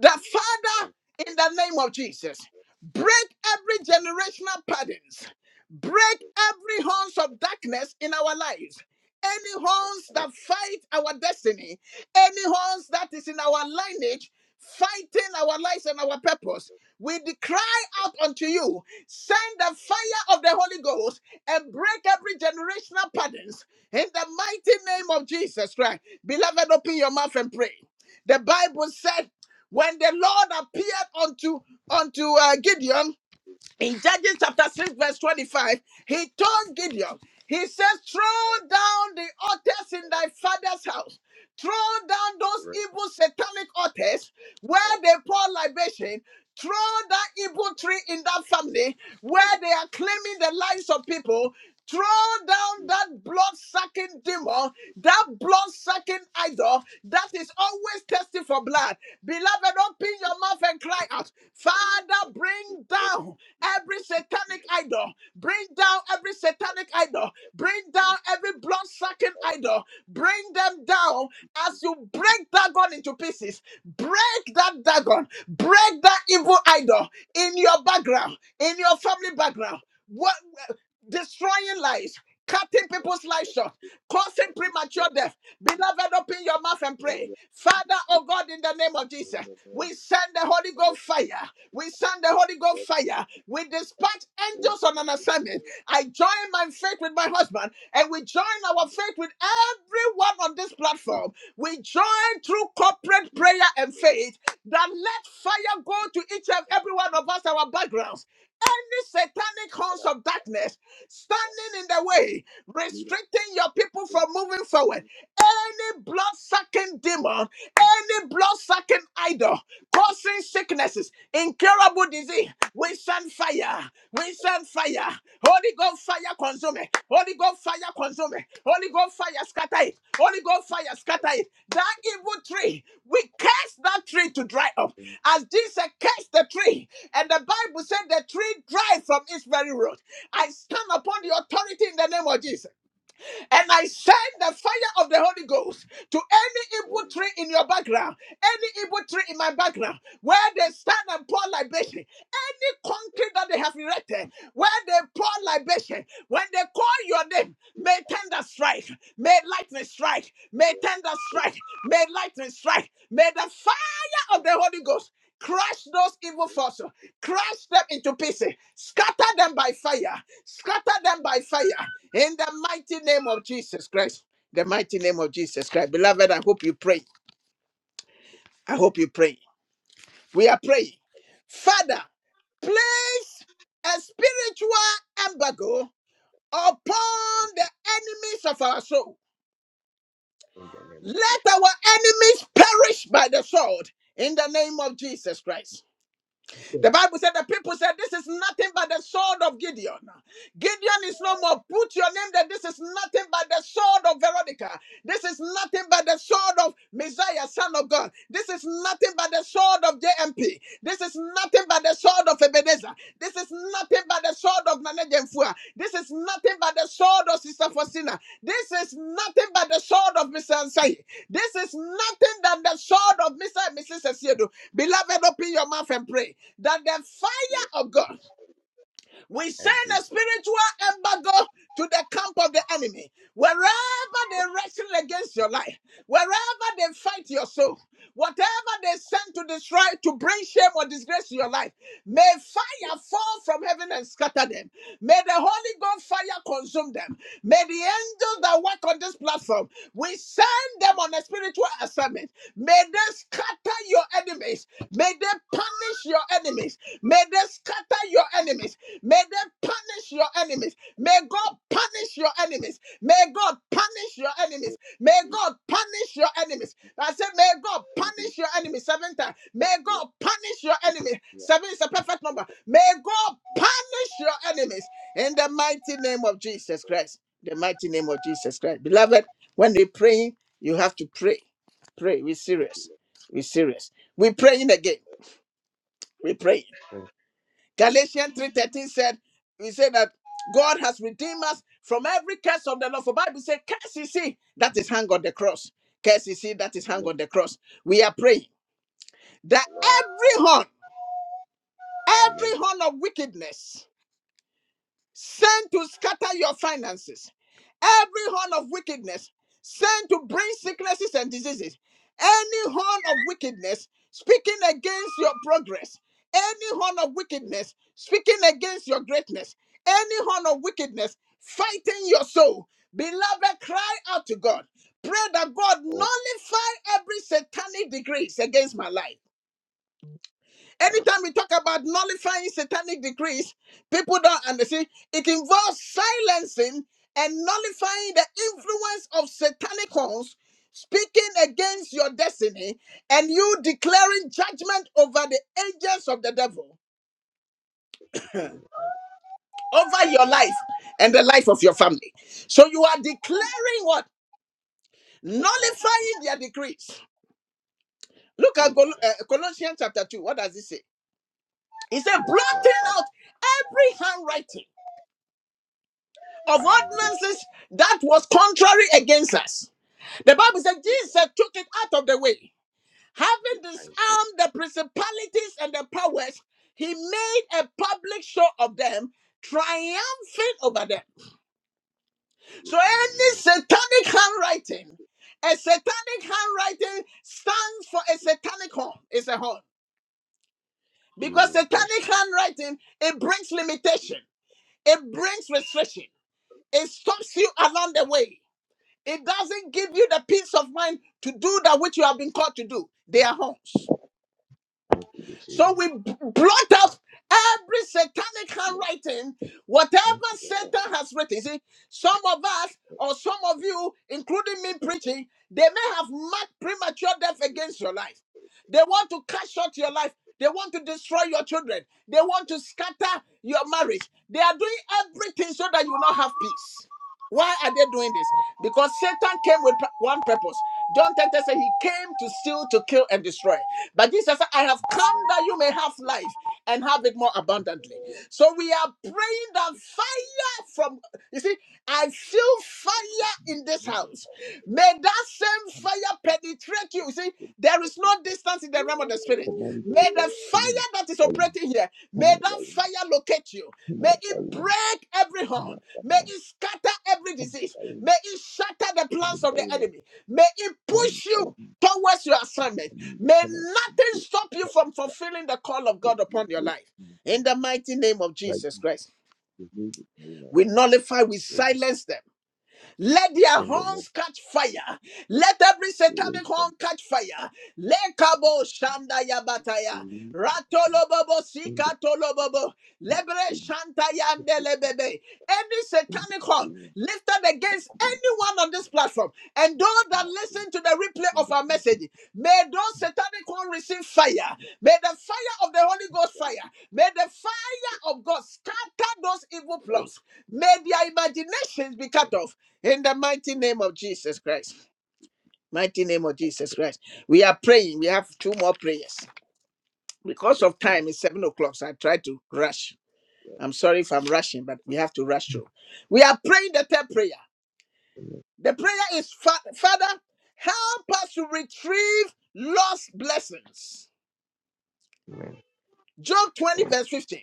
S1: The Father, in the name of Jesus, break every generational patterns, break every horns of darkness in our lives. Any horns that fight our destiny, any horns that is in our lineage, fighting our lives and our purpose. We de- cry out unto you, send the fire of the Holy Ghost and break every generational patterns in the mighty name of Jesus Christ. Beloved, open your mouth and pray. The Bible said when the Lord appeared unto unto uh, Gideon, in Judges chapter 6, verse 25, he told Gideon, he says, throw down the altars in thy father's house. Throw down those
S2: for
S1: evil satanic altars where they pour libation. Throw that evil tree in that family where they are claiming the lives of people. Throw down that blood sucking demon, that blood sucking idol that is always thirsty for blood. Beloved, open your mouth and cry out, Father, bring down every satanic idol. Bring down every satanic idol. Bring down every blood sucking idol. Bring them down as you break Dagon into pieces. Break that Dagon. Break that evil idol in your background, in your family background. What destroying lives, cutting people's lives short, causing premature death. Beloved, open your mouth and pray. Father, oh God, in the name of Jesus, we send the Holy Ghost fire. We send the Holy Ghost fire. We dispatch angels on an assignment. I join my faith with my husband, and we join our faith with everyone on this platform. We join through corporate prayer and faith that let fire go to each and every one of us, our backgrounds. Any satanic horns of darkness standing in the way, restricting your people from moving forward. Any blood sucking demon, any blood sucking idol, causing sicknesses, incurable disease. We send fire. We send fire. Holy Ghost fire consume it. Holy Ghost fire consume it. Holy Ghost fire scatter it. Holy Ghost fire scatter it. That evil tree, we curse that tree to dry up. As Jesus cursed the tree, and the Bible said the tree dried from its very root. I stand upon the authority in the name of Jesus. And I send the fire of the Holy Ghost to any evil tree in your background, any evil tree in my background, where they stand and pour libation, any concrete that they have erected, where they pour libation, when they call your name, may thunder strike, may lightning strike, may thunder strike, may lightning strike, may the fire of the Holy Ghost crush those evil forces, crush them into pieces, scatter them by fire, scatter them by fire, in the mighty name of Jesus Christ. The mighty name of Jesus Christ. Beloved, I hope you pray. I hope you pray. We are praying. Father, place a spiritual embargo upon the enemies of our soul. Let our enemies perish by the sword in the name of Jesus Christ. The Bible said the people said, This is nothing but the sword of Gideon. Gideon is no more. Put your name there. This is nothing but the sword of Veronica. This is nothing but the sword of Messiah, son of God. This is nothing but the sword of JMP. This is nothing but the sword of Ebenezer. This is nothing but the sword of Nana Jemfua. This is nothing but the sword of Sister Faustina. This is nothing but the sword of Mr. Ansai. This is nothing than the sword of Mr. and Mrs. Esiedu. Beloved, open your mouth and pray that the fire of God we send
S2: every
S1: a spiritual embargo to the camp of the enemy. Wherever they wrestle against your life, wherever they fight your soul, whatever they send to destroy, to bring shame or disgrace to your life, may fire fall from heaven and scatter them. May the Holy Ghost fire consume them. May the angels that work on this platform, we send them on a spiritual assignment. May they scatter your enemies. May they punish your enemies. May they scatter your enemies. May they punish your enemies. May God punish your enemies. May God punish your enemies. May God punish your enemies. I said, May God punish your enemies seven times. May God punish your enemies. Seven is a perfect number. May God punish your enemies in the mighty name of Jesus Christ. The mighty name of Jesus Christ. Beloved, when we pray, you have to pray. Pray. We're serious. We're serious. We're praying again. We pray.
S2: blessing,
S1: Galatians 3:13 said, we say that God has redeemed us from every curse of the law. For Bible says, curse is he that is hung on the cross. Curse is he that is hung
S2: Lord.
S1: on the cross. We are praying that every horn,
S2: And make
S1: every horn of wickedness sent to scatter your finances. Every horn of wickedness sent to bring sicknesses and diseases. Any horn of wickedness speaking against your progress. Any horn of wickedness speaking against your greatness. Any horn of wickedness fighting your soul. Beloved, cry out to God. Pray that God
S2: all
S1: nullify every satanic decrees against my life. Anytime we talk about nullifying satanic decrees, people don't understand. It involves silencing and nullifying the influence of satanic horns speaking against your destiny and you declaring judgment over the agents of the devil,
S2: decisions, Lord.
S1: over
S2: Thank
S1: your life
S2: you,
S1: and the life of your family. So you are declaring what? Nullifying their decrees. Look at Col- uh, Colossians chapter 2. What does it say? It said, blotting
S2: Lord.
S1: out every handwriting of
S2: Father, I break,
S1: ordinances that was contrary against us. The Bible said Jesus took it out of the way. Having
S2: I set it
S1: disarmed the principalities and the powers, he made a public show of them, triumphant over them. So
S2: in the name
S1: any satanic handwriting, a satanic handwriting stands for a satanic horn. It's a horn.
S2: of we
S1: Because satanic
S2: reverse it.
S1: handwriting, it brings limitation, it brings restriction, it stops you along the way. It doesn't give you the peace of mind to do that which you have been called to do. They are horns.
S2: Thank you, this evening.
S1: So we b- blot out every satanic handwriting, whatever Satan has written. See, some of us or some of you, including me preaching, they may have marked premature death against your life. They want to cut short your life. They want to destroy your children. They want to scatter your marriage. They are doing everything so that you will not have peace. Why are they doing this? Because Satan came with p- one purpose. John 10 said he came to steal, to kill, and destroy. But Jesus said, I have come that you may have life and have it more abundantly. So we are praying that fire from, you see, I feel fire in this house. May that same fire penetrate you. You see, there is no distance in the realm of the spirit.
S2: Come on,
S1: May the
S2: come on.
S1: fire that is
S2: Come on,
S1: operating here,
S2: come
S1: may
S2: on, come on,
S1: that fire locate you.
S2: come on, come on, come on, come on, come on, come on, come on, come on, come on, come on,
S1: May it break every
S2: come
S1: horn. May it scatter every disease. May it shatter the plans of the enemy. May it push you towards your assignment.
S2: on,
S1: May
S2: come on,
S1: nothing
S2: come
S1: stop
S2: on,
S1: you from fulfilling the call of
S2: and
S1: God
S2: you
S1: upon your
S2: will
S1: life.
S2: be
S1: In the mighty name of
S2: right
S1: Jesus Christ,
S2: the music
S1: we
S2: ministry
S1: nullify, we silence them. Let their
S2: in the next
S1: horns catch fire. Let every
S2: two
S1: satanic
S2: weeks and
S1: horn catch fire. Lekabo shanda yabataya.
S2: believe
S1: Ratolobobo
S2: in the
S1: sikatolobobo. Lebre shanta yande lebebe. Any satanic horn
S2: name
S1: lifted against anyone on this platform and those that listen to the replay
S2: in
S1: of our message, may those satanic horn receive fire. May the fire of the Holy Ghost fire. May the fire of God scatter those evil plots. May their imaginations be cut off. In the mighty name of Jesus Christ, mighty name of Jesus Christ, we are praying. We have two more prayers because of time. It's seven o'clock, so I try to rush. I'm sorry if I'm rushing, but we have to rush through. We are praying the third prayer. The prayer is "Fa- Father, help us to retrieve lost blessings. Job 20, verse 15.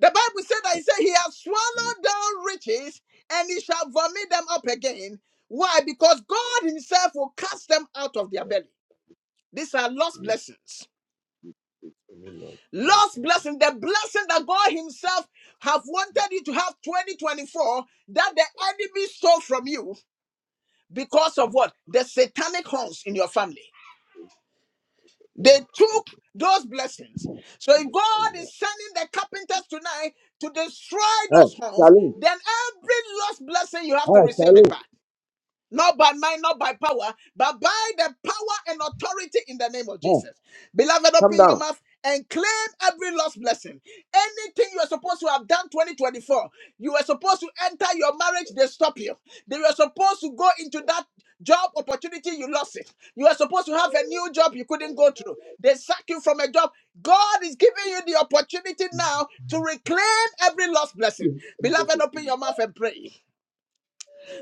S1: The Bible said that He said, He has swallowed down riches and He shall vomit them up again. Why? Because God Himself will cast them out of their belly. These are lost blessings.
S2: the name of flesh.
S1: Lost blessing, the blessing that God Himself have wanted you to have 2024 that the enemy stole from you because of what? The satanic horns in your family. They took those blessings. So if God is sending the carpenters tonight to destroy
S2: Hey,
S1: those horns,
S2: Charlene,
S1: then every lost blessing you have to
S2: hey,
S1: receive it
S2: Charlene,
S1: back. Not by might, not by power, but by the power and authority in the name of
S2: hey,
S1: Jesus. Beloved,
S2: come
S1: open your
S2: down.
S1: mouth and claim every lost blessing. Anything you are supposed to have done 2024, you were supposed to enter your marriage, they stop you. They were supposed to go into that job opportunity, you lost it. You were supposed to have a new job, you couldn't go through. They sack you from a job. God is giving you the opportunity now to reclaim every lost blessing.
S2: You able
S1: Beloved,
S2: to
S1: open your mouth and pray.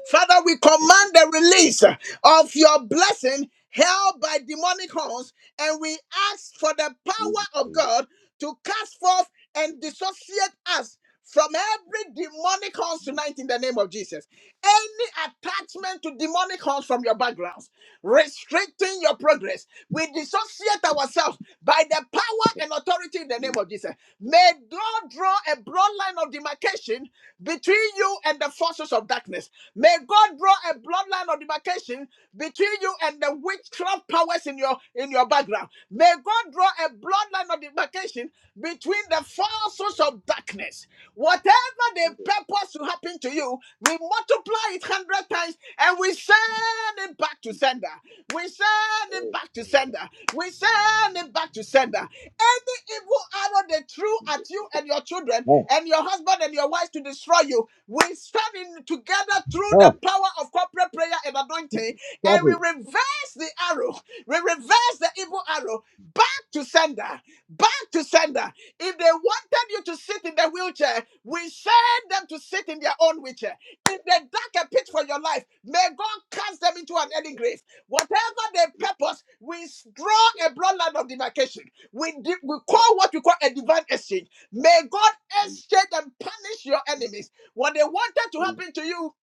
S1: Father, we command the release of your blessing held by demonic horns, and we ask for the
S2: praise it,
S1: power of
S2: Charlene.
S1: God to cast forth and dissociate us from every demonic horns tonight in the name of Jesus. Any attachment to demonic horns from your backgrounds, restricting your progress, we dissociate ourselves by the power and authority in the name of Jesus. May God draw a broad line of demarcation between you and the forces of darkness. May God draw a bloodline of demarcation between you and the witchcraft powers in your in your background. May God draw a bloodline of demarcation between the forces of darkness. Whatever they purpose to happen to you, we multiply it hundred times and we send it back to sender. We send it back to sender. We send it back to sender. Any evil arrow they threw at you and your children
S2: Hey,
S1: and your husband and your wife to destroy you, we standing together through the
S2: hey,
S1: power of corporate prayer and anointing,
S2: stop
S1: and we
S2: it.
S1: reverse the arrow. We reverse the evil arrow back to sender, back to sender. If they wanted you to sit in the wheelchair, we send them to sit in their own wheelchair. If they dug a pit for your life, may God cast them into an early grave. Whatever their purpose, we draw a broad line of demarcation. We, di- we call what we call a divine exchange. May God exchange and punish your enemies what they wanted to
S2: Praise
S1: happen to you,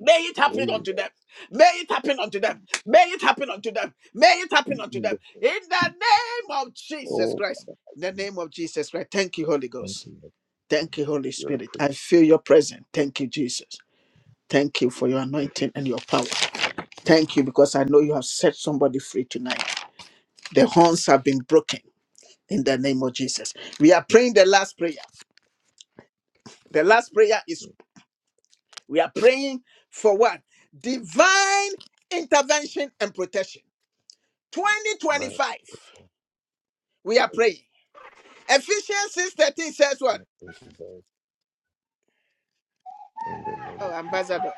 S1: may it happen
S2: the
S1: unto
S2: Lord
S1: them. May it happen unto them. May it happen unto them. May it
S2: that
S1: happen unto
S2: in the
S1: them. In the name of Jesus
S2: whole
S1: Christ. In the name of Jesus Christ. Thank you, Holy
S2: country
S1: Ghost.
S2: that
S1: Thank you, Holy
S2: you're the
S1: Spirit.
S2: pretty
S1: I feel your presence. Thank you, Jesus. Thank you for your anointing and your power. Thank you because I know you have set somebody free tonight. The horns have been broken in the name of Jesus. We are praying the last prayer. The last prayer is We are praying for what? Divine intervention and protection.
S2: man
S1: 2025. We are praying. Ephesians six thirteen says what?
S2: in today.
S1: Oh, Ambassador,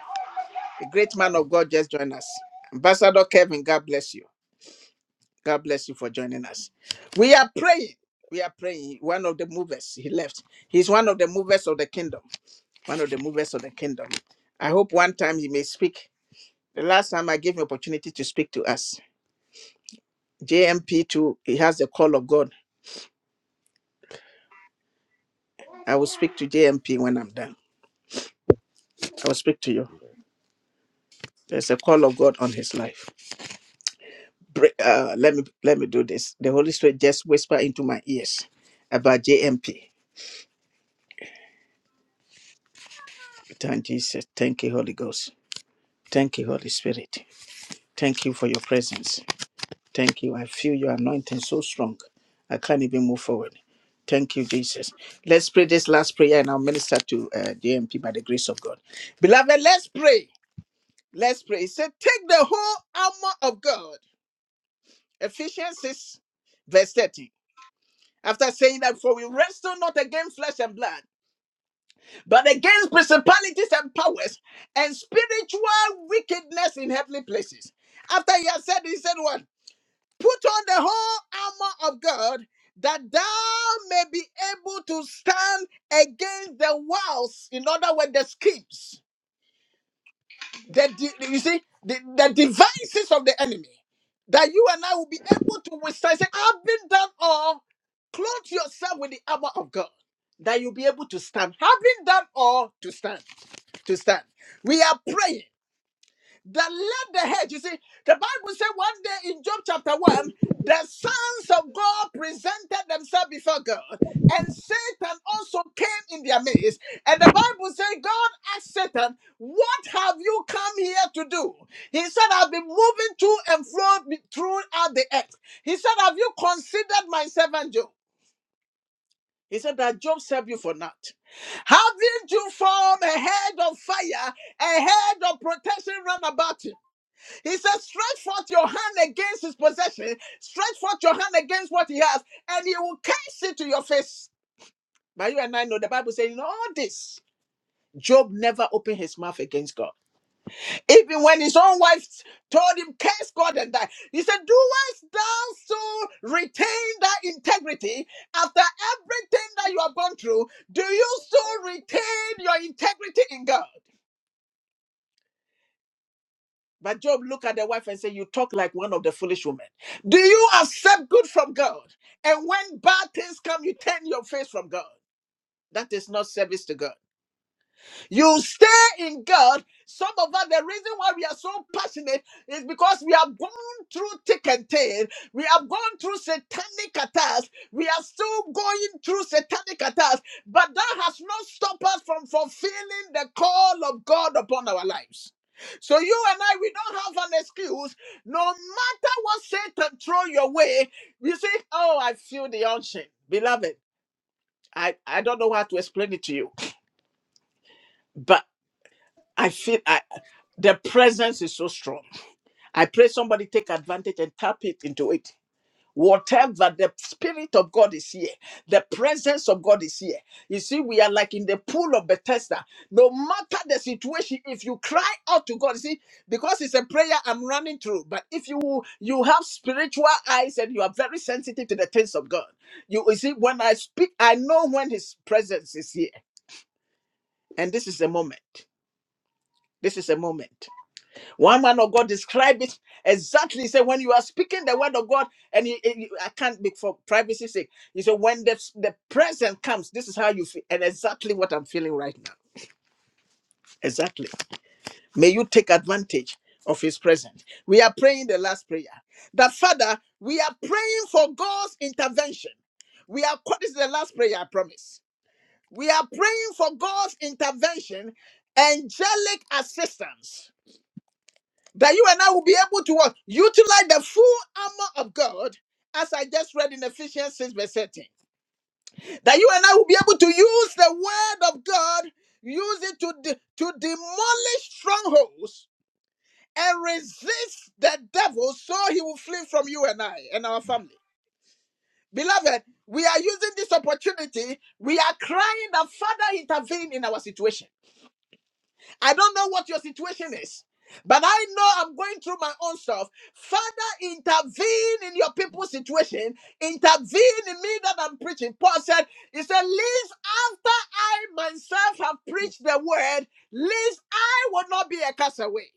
S1: a great man of God just joined us. Ambassador Kevin, God bless you. God bless you for joining us. We are praying. We are praying. One of the movers, he left. He's one of the movers of the kingdom. One of the movers of the kingdom. I hope one time he may speak. The last time I gave him opportunity to speak to us, JMP P two. he has the call of God I will speak to JMP when I'm done. I will speak to you. There's a call of God on his life. Br- Uh, let me let me do this. The Holy Spirit just whisper into my ears about JMP. Thank Jesus. Thank you, Holy Ghost. Thank you, Holy Spirit. Thank you for your presence. Thank you. I feel your anointing so strong. I can't even move forward. Thank you, Jesus. Let's pray this last prayer and I'll minister to uh, JMP by the grace of God. Beloved, let's pray. Let's pray. It said, Take the whole armor of God Ephesians 6, verse 30. After saying that, for we wrestle not against flesh and blood, but against principalities and powers and spiritual wickedness in heavenly places. After he has said, he said, What? Put on the whole armor of God that thou may be able to stand against the wiles, in other words, the schemes the di- you see the, the devices of the enemy that you and I will be able to withstand. Say, I've been done all. Clothe yourself with the armor of God that you'll be able to stand. Having done all to stand, to stand. We are praying that led the hedge. You see, the Bible said one day in Job chapter 1, the sons of God presented themselves before God, and Satan also came in their midst. And the Bible said, God asked Satan, What have you come here to do? He said, I've been moving to and fro be- throughout the earth. He said, Have you considered my servant Job? He said that Job served you for naught. Haven't you formed a head of fire, a head of protection round about him? He says, stretch forth your hand against his possession, stretch forth your hand against what he has, and he will cast it to your face. But you and I know the Bible says, in all this, Job never opened his mouth against God. Even when his own wife told him, Curse God and die. He said, "Do thou so retain thy integrity after everything that you have gone through? Do you still retain your integrity in God? But Job looked at the wife and said, You talk like one of the foolish women. Do you accept good from God? And when bad things come, you turn your face from God. That is not service to God. You stay in God. Some of us, the reason why we are so passionate is because we have gone through thick and thin. We have gone through satanic attacks. We are still going through satanic attacks. But that has not stopped us from fulfilling the call of God upon our lives. So you and I, we don't have an excuse. No matter what Satan throw your way, you say, "Oh, I feel the unction, beloved." I I don't know how to explain it to you, but. I feel I, the presence is so strong. I pray somebody take advantage and tap it into it. Whatever the Spirit of God is here, the presence of God is here. You see, we are like in the pool of Bethesda. No matter the situation, if you cry out to God, you see, because it's a prayer I'm running through. But if you you have spiritual eyes and you are very sensitive to the things of God, you, you see, when I speak, I know when His presence is here, and this is a moment. This is a moment. One man of God described it exactly. He said, when you are speaking the word of God, and you, and you- I can't be for privacy sake. He said, when the, the present comes, this is how you feel. And exactly what I'm feeling right now. Exactly. May you take advantage of his presence. We are praying the last prayer. That Father, we are praying for God's intervention. We are, this is the last prayer, I promise. We are praying for God's intervention, angelic assistance that you and I will be able to what? Utilize the full armor of God, as I just read in Ephesians 6, verse 13. That you and I will be able to use the word of God, use it to, de- to demolish strongholds and resist the devil so he will flee from you and I and our family. Beloved, we are using this opportunity. We are crying that Father intervene in our situation. I don't know what your situation is, but I know I'm going through my own stuff. Father, intervene in your people's situation. Intervene in me that I'm preaching. Paul said, He said, Least after I myself have preached the word, least I will not be a castaway.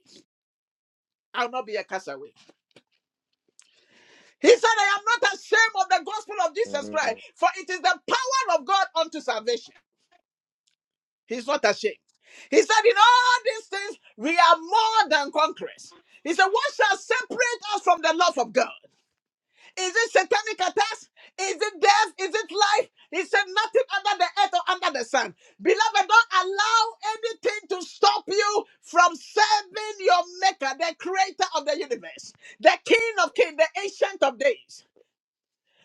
S1: I will not be a castaway. He said, I am not ashamed of the gospel of Jesus Christ, for it is the power of God unto salvation. He's not ashamed. He said, In all these things, we are more than conquerors. He said, What shall separate us from the love of God? Is it satanic attacks? Is it death? Is it life? He said, Nothing under the earth or under the sun. Beloved, don't allow anything to stop you from serving your Maker, the creator of the universe, the King of kings, the Ancient of days.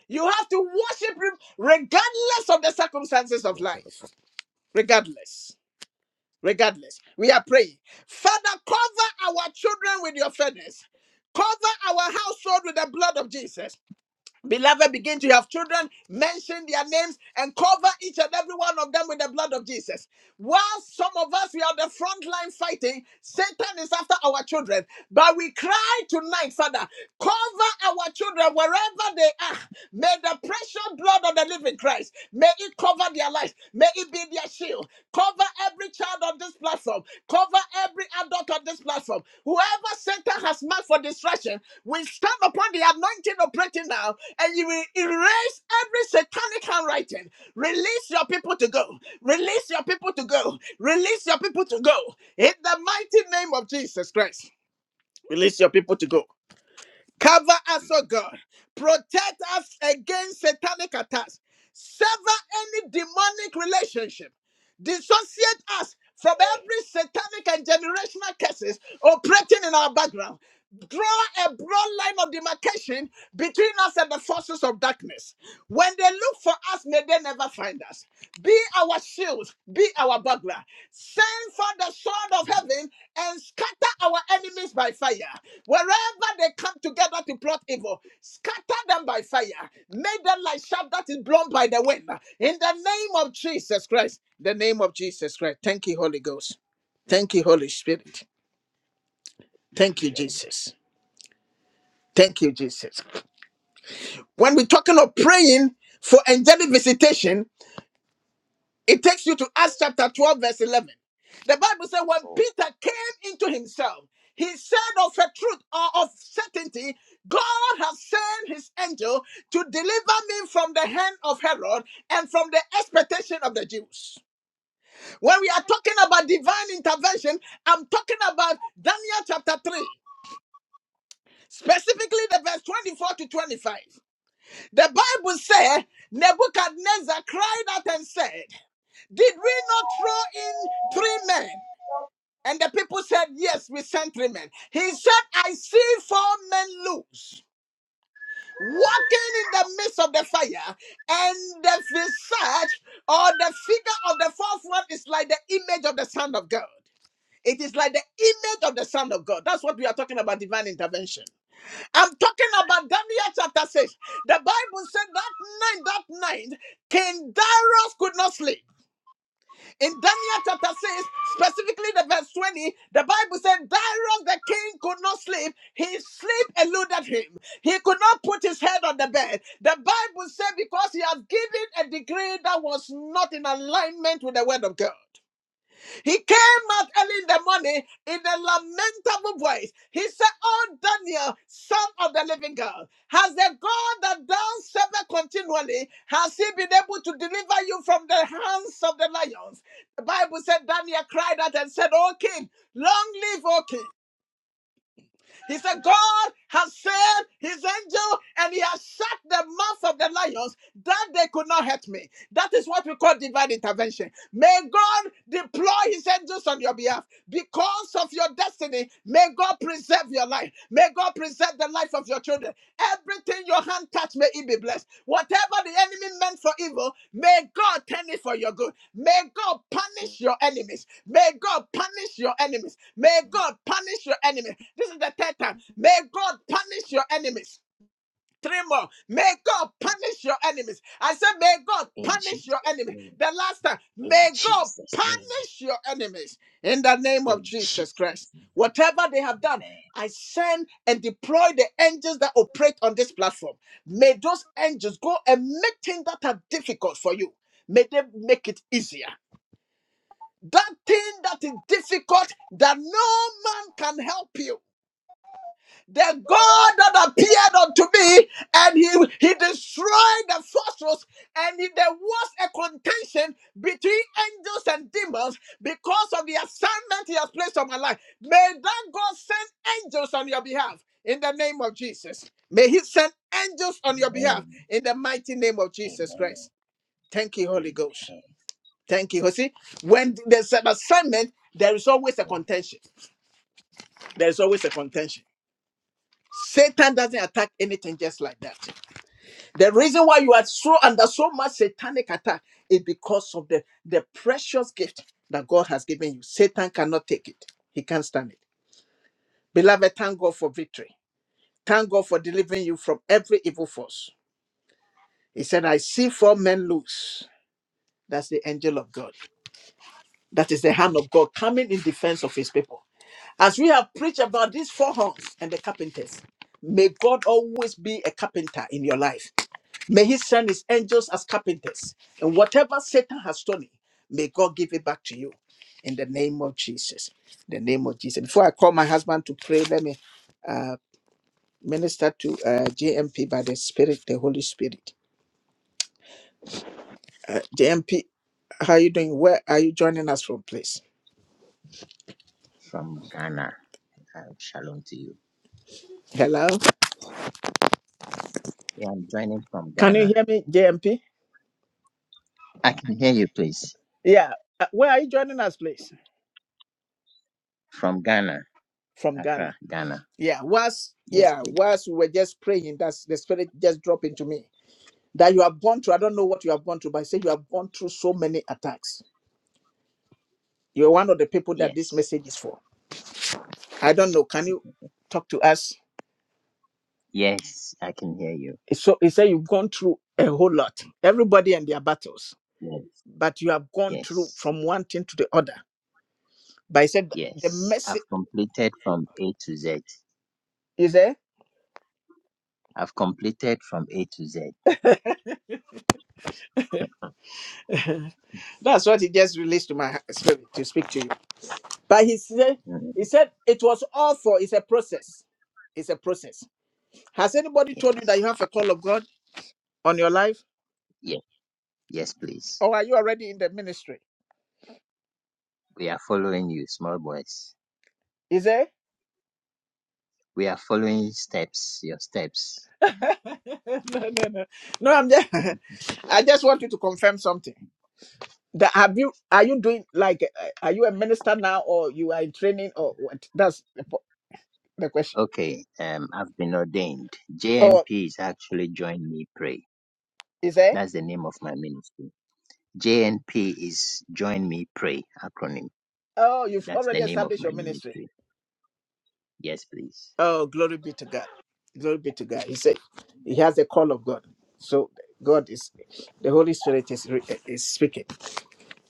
S1: You have to worship him regardless of the circumstances of life. Regardless regardless. We are praying. Father, cover our children with your fairness. Cover our household with the blood of Jesus. Beloved, begin to have children, mention their names, and cover each and every one of them with the blood of Jesus. While some of us, we are on the front line fighting, Satan is after our children. But we cry tonight, Father, cover our children wherever they are. May the precious blood of the living Christ, may it cover their lives. May it be their shield. Cover every child on this platform. Cover every adult on this platform. Whoever Satan has marked for destruction, we stand upon the anointing operating now and you will erase every satanic handwriting. Release your people to go. Release your people to go. Release your people to go. In the mighty Jesus Christ. Cover us, oh God. Protect us against satanic attacks. Sever any demonic relationship. Dissociate us from every satanic and generational curses operating in our background. draw a broad line of demarcation between us and the forces of darkness. When they look for us, may they never find us. Be our shield, be our buckler. Send for the sword of heaven and scatter our enemies by fire. Wherever they come together to plot evil, scatter them by fire. Make them like chaff that is blown by the wind. In the name of Jesus Christ, the name of Jesus Christ. Thank you, Holy Ghost. Thank you, Holy Spirit. Thank you, Jesus. Thank you, Jesus. When we're talking of praying for angelic visitation, it takes you to Acts chapter 12, verse 11. The Bible said, when Peter came into himself, he said of a truth or of certainty, God has sent his angel to deliver me from the hand of Herod and from the expectation of the Jews. When we are talking about divine intervention, I'm talking about Daniel chapter 3, specifically the verse 24 to 25. The Bible said Nebuchadnezzar cried out and said, Did we not throw in three men? And the people said, Yes, we sent three men. He said, I see four men loose. Walking in the midst of the fire, and the visage or the figure of the fourth one is like the image of the Son of God. It is like the image of the Son of God. That's what we are talking about divine intervention. I'm talking about Daniel chapter 6. The Bible said that night, that night, King Darius could not sleep. In Daniel chapter 6, specifically the verse 20, the Bible said Darius the king could not sleep. His sleep eluded him. He could not put his head on the bed. The Bible said because he had given a decree that was not in alignment with the word of God. He came out early in the morning in a lamentable voice. He said, Oh, Daniel, son of the living God, has the God that thou servest continually, has he been able to deliver you from the hands of the lions? The Bible said Daniel cried out and said, Oh, king, long live, O king. He said, God has sent his angel and he has shut the mouth of the lions that they could not hurt me. That is what we call divine intervention. May God deploy his angels on your behalf because of your destiny. May God preserve your life. May God preserve the life of your children. Everything your hand touch, may it be blessed. Whatever the enemy meant for evil, may God turn it for your good. May God punish your enemies. May God punish your enemies. May God punish your enemies. This is the third time. May God punish your enemies. Three more. May God punish your enemies. I said, May God
S3: In
S1: punish your
S3: Jesus'
S1: enemy.
S3: name.
S1: The last time.
S3: In
S1: May God
S3: Jesus' name.
S1: punish your enemies in the name of
S3: In
S1: Jesus Christ.
S3: Jesus' name.
S1: Whatever they have done,
S3: Amen.
S1: I send and deploy the angels that operate on this platform. May those angels go and make things that are difficult for you. May they make it easier that thing that is difficult that no man can help you. The God that appeared unto me and he, he destroyed the fortress and he- there was a contention between angels and demons because of the assignment he has placed on my life. May that God send angels on your behalf in the name of Jesus. May he send angels on your behalf
S3: Amen.
S1: in the mighty name of Jesus
S3: Amen.
S1: Christ. Thank you, Holy Ghost.
S3: Amen.
S1: Thank you, Jose. When there's an assignment, there is always a contention. There is always a contention. Satan doesn't attack anything just like that. The reason why you are so under so much satanic attack is because of the, the precious gift that God has given you. Satan cannot take it, he can't stand it. Beloved, thank God for victory. Thank God for delivering you from every evil force. He said, I see four men loose. That's the angel of God. That is the hand of God coming in defense of his people. As we have preached about these four horns and the carpenters, may God always be a carpenter in your life. May He send His angels as carpenters. And whatever Satan has stolen, may God give it back to you in the name of Jesus. In the name of Jesus. Before I call my husband to pray, let me minister to uh, JMP by the Spirit, the Holy Spirit. Uh, JMP, how are you doing? Where are you joining us from, please?
S3: From Ghana. Uh, shalom to you.
S1: Hello?
S3: Yeah, I'm joining from
S1: Can you
S3: Ghana.
S1: hear me, JMP?
S3: I can hear you, please.
S1: Yeah. Uh, where are you joining us, please?
S3: From Ghana.
S1: From Ghana.
S3: Accra, Ghana.
S1: Yeah, whilst
S3: Yes,
S1: yeah,
S3: please.
S1: whilst we were just praying, that's the spirit just dropped into me that you have gone through. I don't know what you have gone through, but I say you have gone through so many attacks. You're one of the people that this
S3: Yes.
S1: message is for. I don't know. Can you talk to us?
S3: Yes, I can hear you.
S1: It's So he said you've gone through a whole lot. Everybody and their battles,
S3: Yes.
S1: but you have gone through
S3: Yes.
S1: from one thing to the other. But he said the
S3: Yes.
S1: message
S3: I've completed from A to Z.
S1: is there.
S3: I've completed from A to Z.
S1: That's but he said,
S3: Mm,
S1: he said it was all for. It's a process. He says
S3: Yes.
S1: God on your life.
S3: Yes. Yes, please.
S1: Oh,
S3: We are following you, small boys. We are following steps, your steps.
S1: no, no, no. No, I'm just. I just want you to confirm something. That have you? Are you doing like? uh, Are you a minister now, or you are in training, or what? That's the, po- the question.
S3: Okay, um, I've been ordained. JNP
S1: Oh,
S3: is actually Join Me Pray.
S1: is there?
S3: That's the name of my ministry. JNP is Join Me Pray acronym.
S1: Oh,
S3: That's the
S1: already a
S3: name of my
S1: secretary.
S3: ministry. Yes, please.
S1: Oh, glory be to God. Glory be to God. He said he
S3: Amen.
S1: has the call of God. So God is, the Holy Spirit is re- uh, is speaking.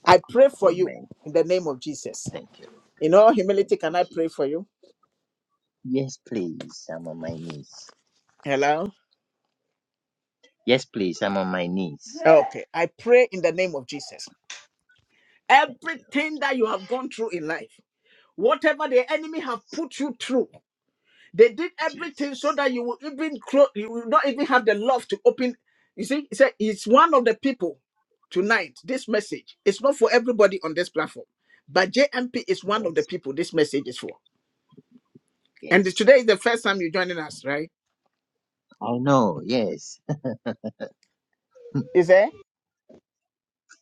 S1: I pray for you
S3: Amen.
S1: in the name of Jesus.
S3: Thank you.
S1: In all
S3: Thank
S1: humility,
S3: you,
S1: can I pray
S3: Jesus.
S1: for you?
S3: Yes, please. I'm on my knees.
S1: Hello.
S3: Yes, please. I'm on my knees.
S1: Okay. I pray in the name of Jesus
S3: Thank you,
S1: everything that you have gone through in life whatever the enemy have put you through they did everything so
S3: Jesus.
S1: that you will even close you will not even have the love to open you see he said it's one of the people tonight this message is not for everybody on this platform but jmp is one of the
S3: Yes,
S1: people this message is for and
S3: yes.
S1: today is the first time you're joining us right
S3: I know. Yes.
S1: is it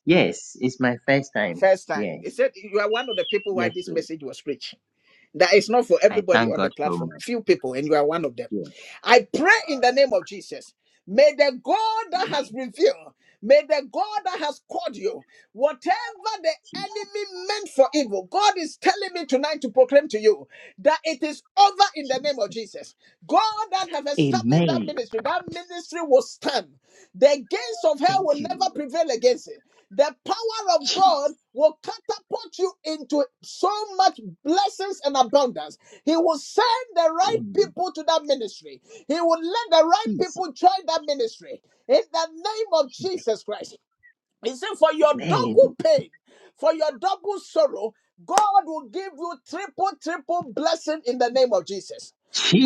S3: Yes, it's my first time.
S1: first time he
S3: Yes.
S1: said you are one of the people why
S3: Yes,
S1: this
S3: please.
S1: message was preached that is not for
S3: I
S1: everybody
S3: thank
S1: on the
S3: God so
S1: platform
S3: much.
S1: few people and you are one of them
S3: Yes.
S1: I pray in the name of Jesus. May the God that has
S3: Amen.
S1: revealed, may the God that has called you, whatever the
S3: Jesus.
S1: enemy meant for evil, God is telling me tonight to proclaim to you that it is over in the name of
S3: Jesus.
S1: Jesus. God that have established that
S3: Amen.
S1: ministry, that ministry will stand. The gains of hell will
S3: Thank you,
S1: never
S3: Lord.
S1: prevail against it. The power of God
S3: Jesus.
S1: will catapult you into so much blessings and abundance. He will send the right
S3: Amen.
S1: people to that ministry. He will let the right
S3: Jesus.
S1: people join that ministry. In the name of Jesus Christ. He said, For your double
S3: Amen.
S1: pain, for your double sorrow, God will give you triple, triple blessing in the name of Jesus.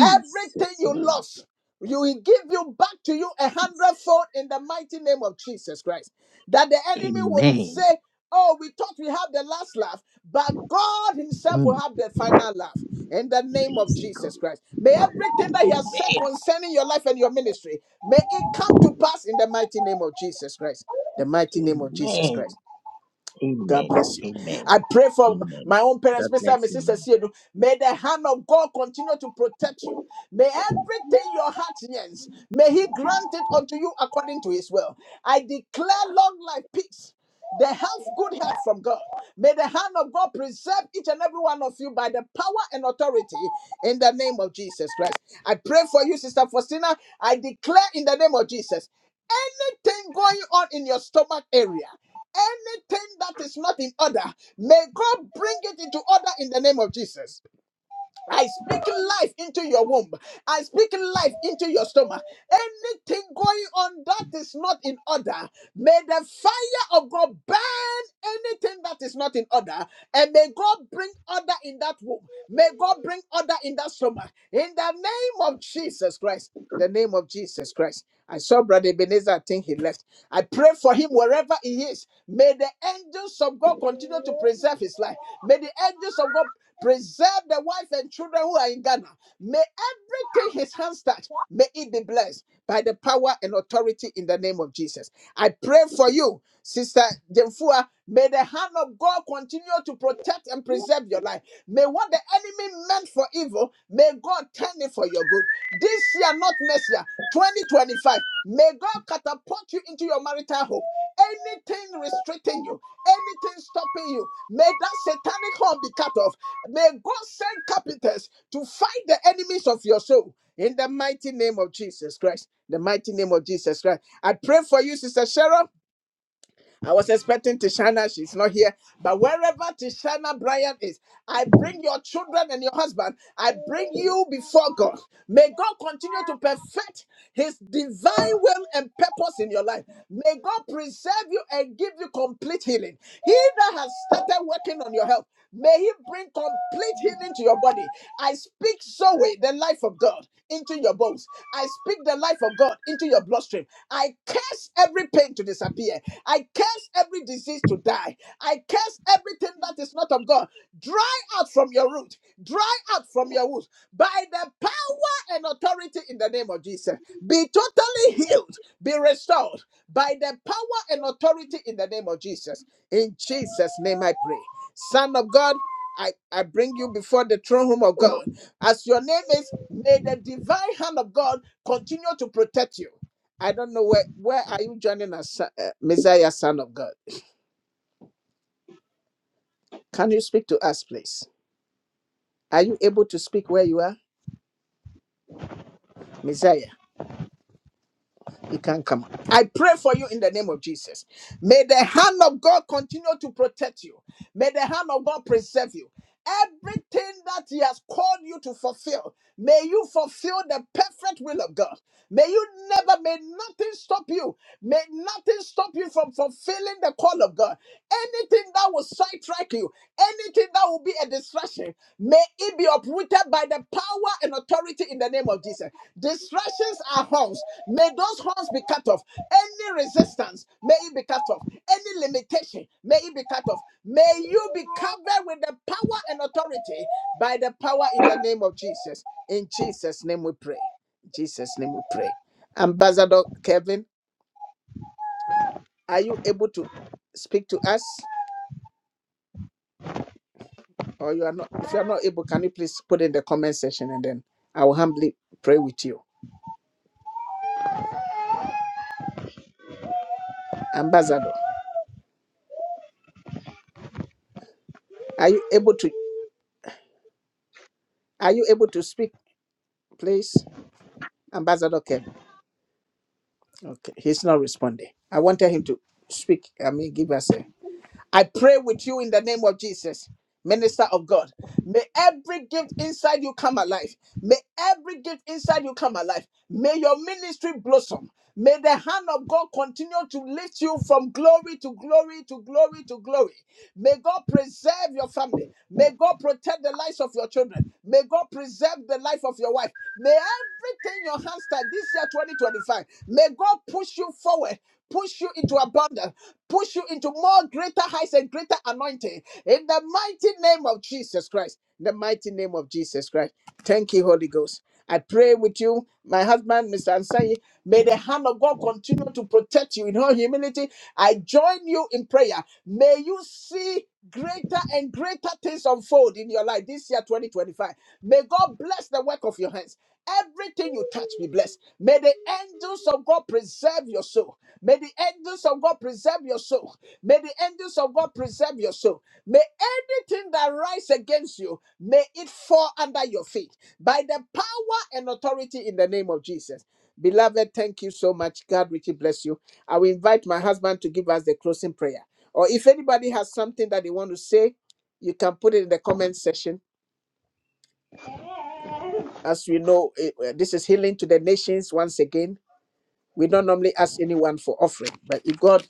S1: Everything you
S3: name.
S1: lost, you will give you back to you a hundredfold in the mighty name of Jesus Christ. That the enemy would
S3: Amen.
S1: say, Oh, we thought we have the last laugh, but God Himself will
S3: Mm.
S1: have the final laugh in the name of
S3: Praise God.
S1: Jesus Christ. May everything that He has said
S3: Amen.
S1: concerning your life and your ministry, may it come to pass in the mighty name of Jesus Christ the mighty name of Jesus Christ.
S3: Amen.
S1: God
S3: Amen.
S1: bless you.
S3: Amen.
S1: I pray for
S3: Amen.
S1: my own parents,
S3: God
S1: Mr. and
S3: bless you,
S1: Mrs.
S3: Mama.
S1: Esiedu. May the hand of God continue to protect you. May everything your heart yearns, may He grant it unto you according to His will. I declare long life, peace, the health, good health from God. May the hand of God preserve each and every one of you by the power and authority in the name of Jesus Christ. I pray for you, Sister Faustina. I declare in the name of Jesus anything going on in your stomach area. Anything that is not in order, may God bring it into order in the name of Jesus. I speak life into your womb. I speak life into your stomach. Anything going on that is not in order, may the fire of God burn anything that is not in order. And may God bring order in that womb. May God bring order in that stomach. In the name of Jesus Christ. In the name of Jesus Christ. I saw Brother Ebenezer, I think he left. I pray for him wherever he is. May the angels of God continue to preserve his life. May the angels of God Preserve the wife and children who are in Ghana. May everything his hands touch, may it be blessed by the power and authority in the name of Jesus. I pray for you, Sister Jemfua. May the hand of God continue to protect and preserve your life. May what the enemy meant for evil, may God turn it for your good. This year, not next year, 2025, may God catapult you into your marital home. Anything restricting you, anything stopping you, may that satanic horn be cut off. May God send capitals to fight the enemies of your soul in the mighty name of Jesus Christ. The mighty name of Jesus Christ. I pray for you, Sister Cheryl. I was expecting Tishana. She's not here. But wherever Tishana Bryant is, I bring your children and your husband. I bring you before God. May God continue to perfect his divine will and purpose in your life. May God preserve you and give you complete healing. He that has started working on your health, may he bring complete healing to your body. I speak Zoe, the life of God, into your bones. I speak the life of God into your bloodstream. I curse every pain to disappear. I curse every disease to die. I curse everything that is not of God. Dry out from your root, dry out from your root. by the power and authority in the name of Jesus. Be totally healed, be restored by the power and authority in the name of Jesus. In Jesus' name I pray. Son of God, I, I bring you before the throne room of God. As your name is, may the divine hand of God continue to protect you. I don't know where where are you joining us Messiah, Son of God. Can you speak to us, please? Are you able to speak where you are? Messiah? I pray for you in the name of Jesus. May the hand of God continue to protect you. May the hand of God preserve you. Everything that He has called you to fulfill, may you fulfill the perfect will of God. May you never, may nothing stop you. May nothing stop you from fulfilling the call of God. Anything that will sidetrack you, anything that will be a distraction, may it be uprooted by the power and authority in the name of Jesus. Distractions are horns. May those horns be cut off. Any resistance may it be cut off. Any limitation may it be cut off. May you be covered with the power and authority by the power in the name of Jesus. In Jesus' name we pray. In Jesus' name we pray. Ambassador Kevin, are you able to speak to us? Or you are not if you are not able, can you please put in the comment section and then I will humbly pray with you. Ambassador, are you able to are you able to speak, please? Ambassador Kevin. Okay, he's not responding. I wanted him to speak. I mean, give us a. I pray with you in the name of Jesus, minister of God. May every gift inside you come alive. May every gift inside you come alive. May your ministry blossom. May the hand of God continue to lift you from glory to glory to glory to glory. May God preserve your family. May God protect the lives of your children. May God preserve the life of your wife. May everything your hands touch this year 2025. May God push you forward, push you into abundance push you into more greater heights and greater anointing in the mighty name of Jesus Christ. In the mighty name of Jesus Christ. Thank you, Holy Ghost. I pray with you, my husband, Mr. Ansai. May the hand of God continue to protect you in all humility. I join you in prayer. May you see greater and greater things unfold in your life this year, 2025. May God bless the work of your hands. Everything you touch be blessed. May the angels of God preserve your soul. May the angels of God preserve your soul. May the angels of God preserve your soul. May anything that rise against you, may it fall under your feet by the power and authority in the name of Jesus. Beloved, thank you so much. God richly bless you. I will invite my husband to give us the closing prayer. Or if anybody has something that they want to say, you can put it in the comment section as we know, eh, eh, this is healing to the nations once again. We don't normally ask anyone for offering, but if God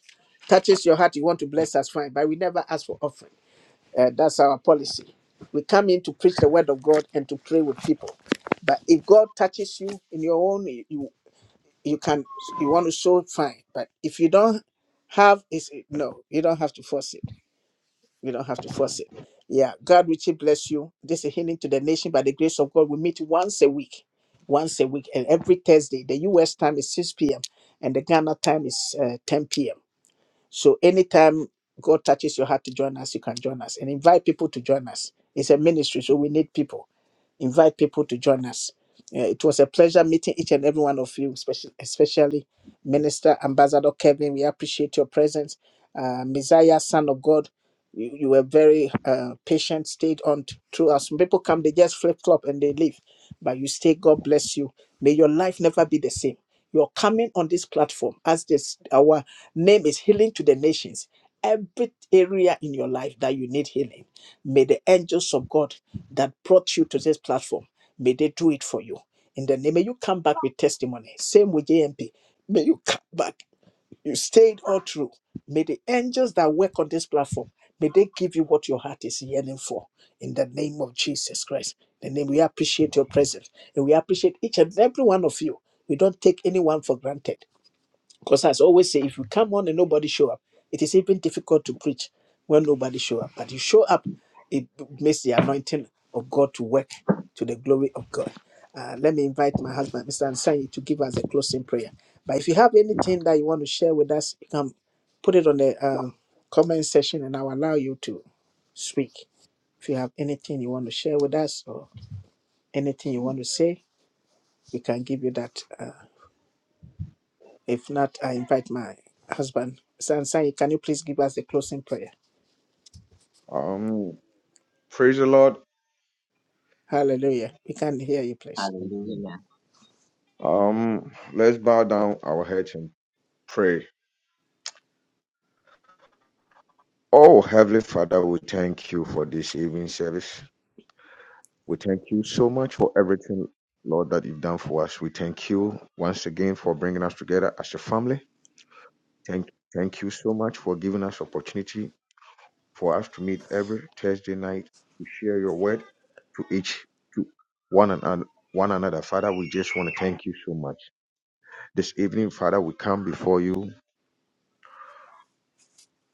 S1: touches your heart, you want to bless us, fine. But we never ask for offering. Eh, that's our policy. We come in to preach the word of God and to pray with people. But if God touches you in your own, you you you can you want to show fine. But if you don't have is no, you don't have to force it. You don't have to force it. Yeah, God richly bless you. This is a healing to the nation by the grace of God. We meet once a week, once a week, and every Thursday. The U.S. time is 6 p.m. and the Ghana time is uh, 10 p.m. So anytime God touches your heart to join us, you can join us and invite people to join us. It's a ministry, so we need people. Invite people to join us. Uh, it was a pleasure meeting each and every one of you, especially, especially. Minister Ambassador Kevin, we appreciate your presence. Uh, Messiah, Son of God, you, you were very uh, patient, stayed on t- through us. Some people come, they just flip flop and they leave, but you stay. God bless you. May your life never be the same. You're coming on this platform as this our name is healing to the nations. Every area in your life that you need healing, may the angels of God that brought you to this platform may they do it for you. In the name, may you come back with testimony. Same with JMP. May you come back you stayed all through. May the angels that work on this platform, may they give you what your heart is yearning for. In the name of Jesus Christ. In The name we appreciate your presence. And we appreciate each and every one of you. We don't take anyone for granted. Because as I always say, if you come on and nobody show up, it is even difficult to preach when nobody show up. But you show up, it makes the anointing of God to work to the glory of God. Uh, let me invite my husband, Mr. Ansani, to give us a closing prayer. But if you have anything that you want to share with us, you can put it on the uh, comment section and I'll allow you to speak. If you have anything you want to share with us or anything you want to say, we can give you that. uh, If not, I invite my husband. Sansai, can you please give us the closing prayer?
S2: Um, praise the Lord.
S1: Hallelujah. We can hear you, please.
S2: Amen.
S3: Hallelujah.
S2: Um, let's bow down our heads and pray. Oh, Heavenly Father, we thank you for this evening service. We thank you so much for everything, Lord, that you've done for us. We thank you once again for bringing us together as a family. Thank, thank you so much for giving us opportunity for us to meet every Thursday night to share your word to each to one and one another. Father, we just want to thank you so much. This evening, Father, we come before you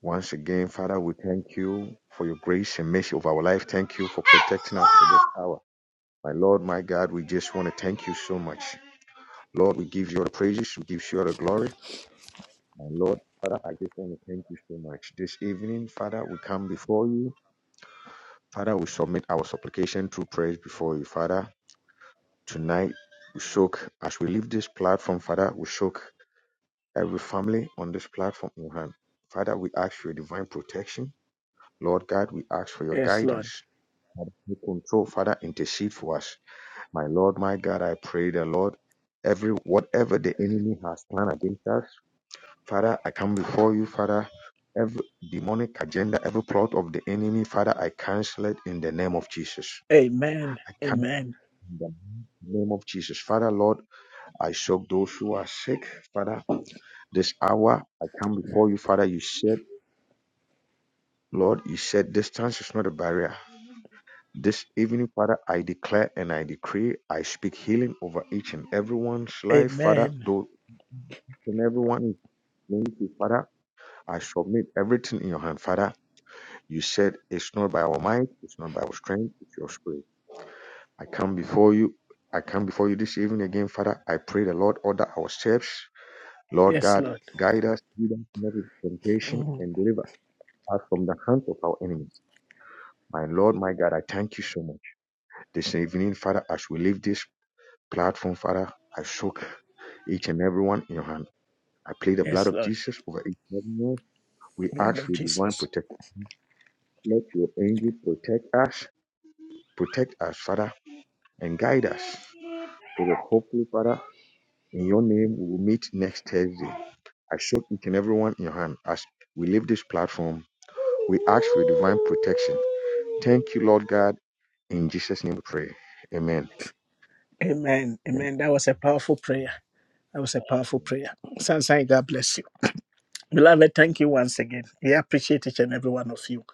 S2: once again. Father, we thank you for your grace and mercy of our life. Thank you for protecting us for this hour. My Lord, my God, we just want to thank you so much. Lord, we give you all the praises, we give you all the glory. my Lord, Father, I just want to thank you so much. This evening, Father, we come before you. Father, we submit our supplication through praise before you, Father. Tonight, we soak, as we leave this platform, Father, we soak every family on this platform in your hand. Father, we ask for your divine protection. Lord God, we ask for your
S1: Yes, Lord.
S2: guidance. Father, take control, Father, intercede for us. My Lord, my God, I pray the Lord, every whatever the enemy has planned against us. Father, I come before you, Father. Every demonic agenda, every plot of the enemy, Father, I cancel it in the name of Jesus. I cancel in the name of Jesus. Father, Lord, I soak those who are sick. Father, this hour, I come before you, Father. You said, Lord, you said distance is not a barrier. This evening, Father, I declare and I decree, I speak healing over each and everyone's life, Father.
S1: Amen.
S2: Though and everyone is going through, Father, I submit everything in your hand, Father. You said, It's not by our might, it's not by our strength, it's your spirit. I come before you. I come before you this evening again, Father. I pray the Lord order our steps. Lord
S1: Yes,
S2: God,
S1: Lord.
S2: guide us, lead us not into temptation, and deliver us from the hands of our enemies. My Lord, my God, I thank you so much. This evening, Father, as we leave this platform, Father, I soak each and everyone in your hand. I plead the blood
S1: Yes,
S2: of
S1: Lord.
S2: Jesus over each and everyone. We
S1: Blood
S2: ask
S1: of
S2: for divine
S1: Jesus.
S2: protection. Let your angel protect us, protect us, Father, and guide us. We will hopefully, Father, in your name, we will meet next Thursday. I soak each and everyone in your hand as we leave this platform. We ask for your divine protection. Thank you, Lord God. In Jesus' name we pray. Amen.
S1: Amen. Amen. That was a powerful prayer. That was a powerful prayer. Sansai, God bless you. Beloved, thank you once again. We appreciate each and every one of you.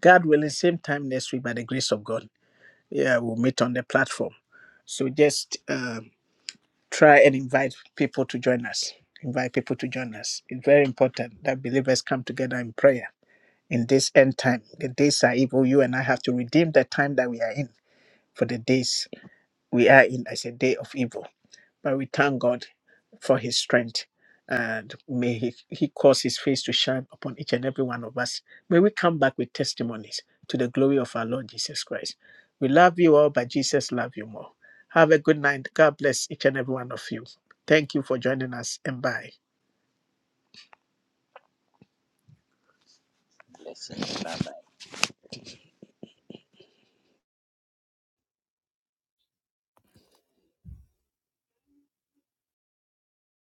S1: God willing, same time next week by the grace of God. Yeah, we'll meet on the platform. So just um, try and invite people to join us. Invite people to join us. It's very important that believers come together in prayer in this end time. The days are evil. You and I have to redeem the time that we are in for the days we are in as a day of evil. But we thank God for his strength. And may he, he cause his face to shine upon each and every one of us. May we come back with testimonies to the glory of our Lord Jesus Christ. We love you all, but Jesus love you more. Have a good night. God bless each and every one of you. Thank you for joining us and bye.
S3: Blessings. Bye bye.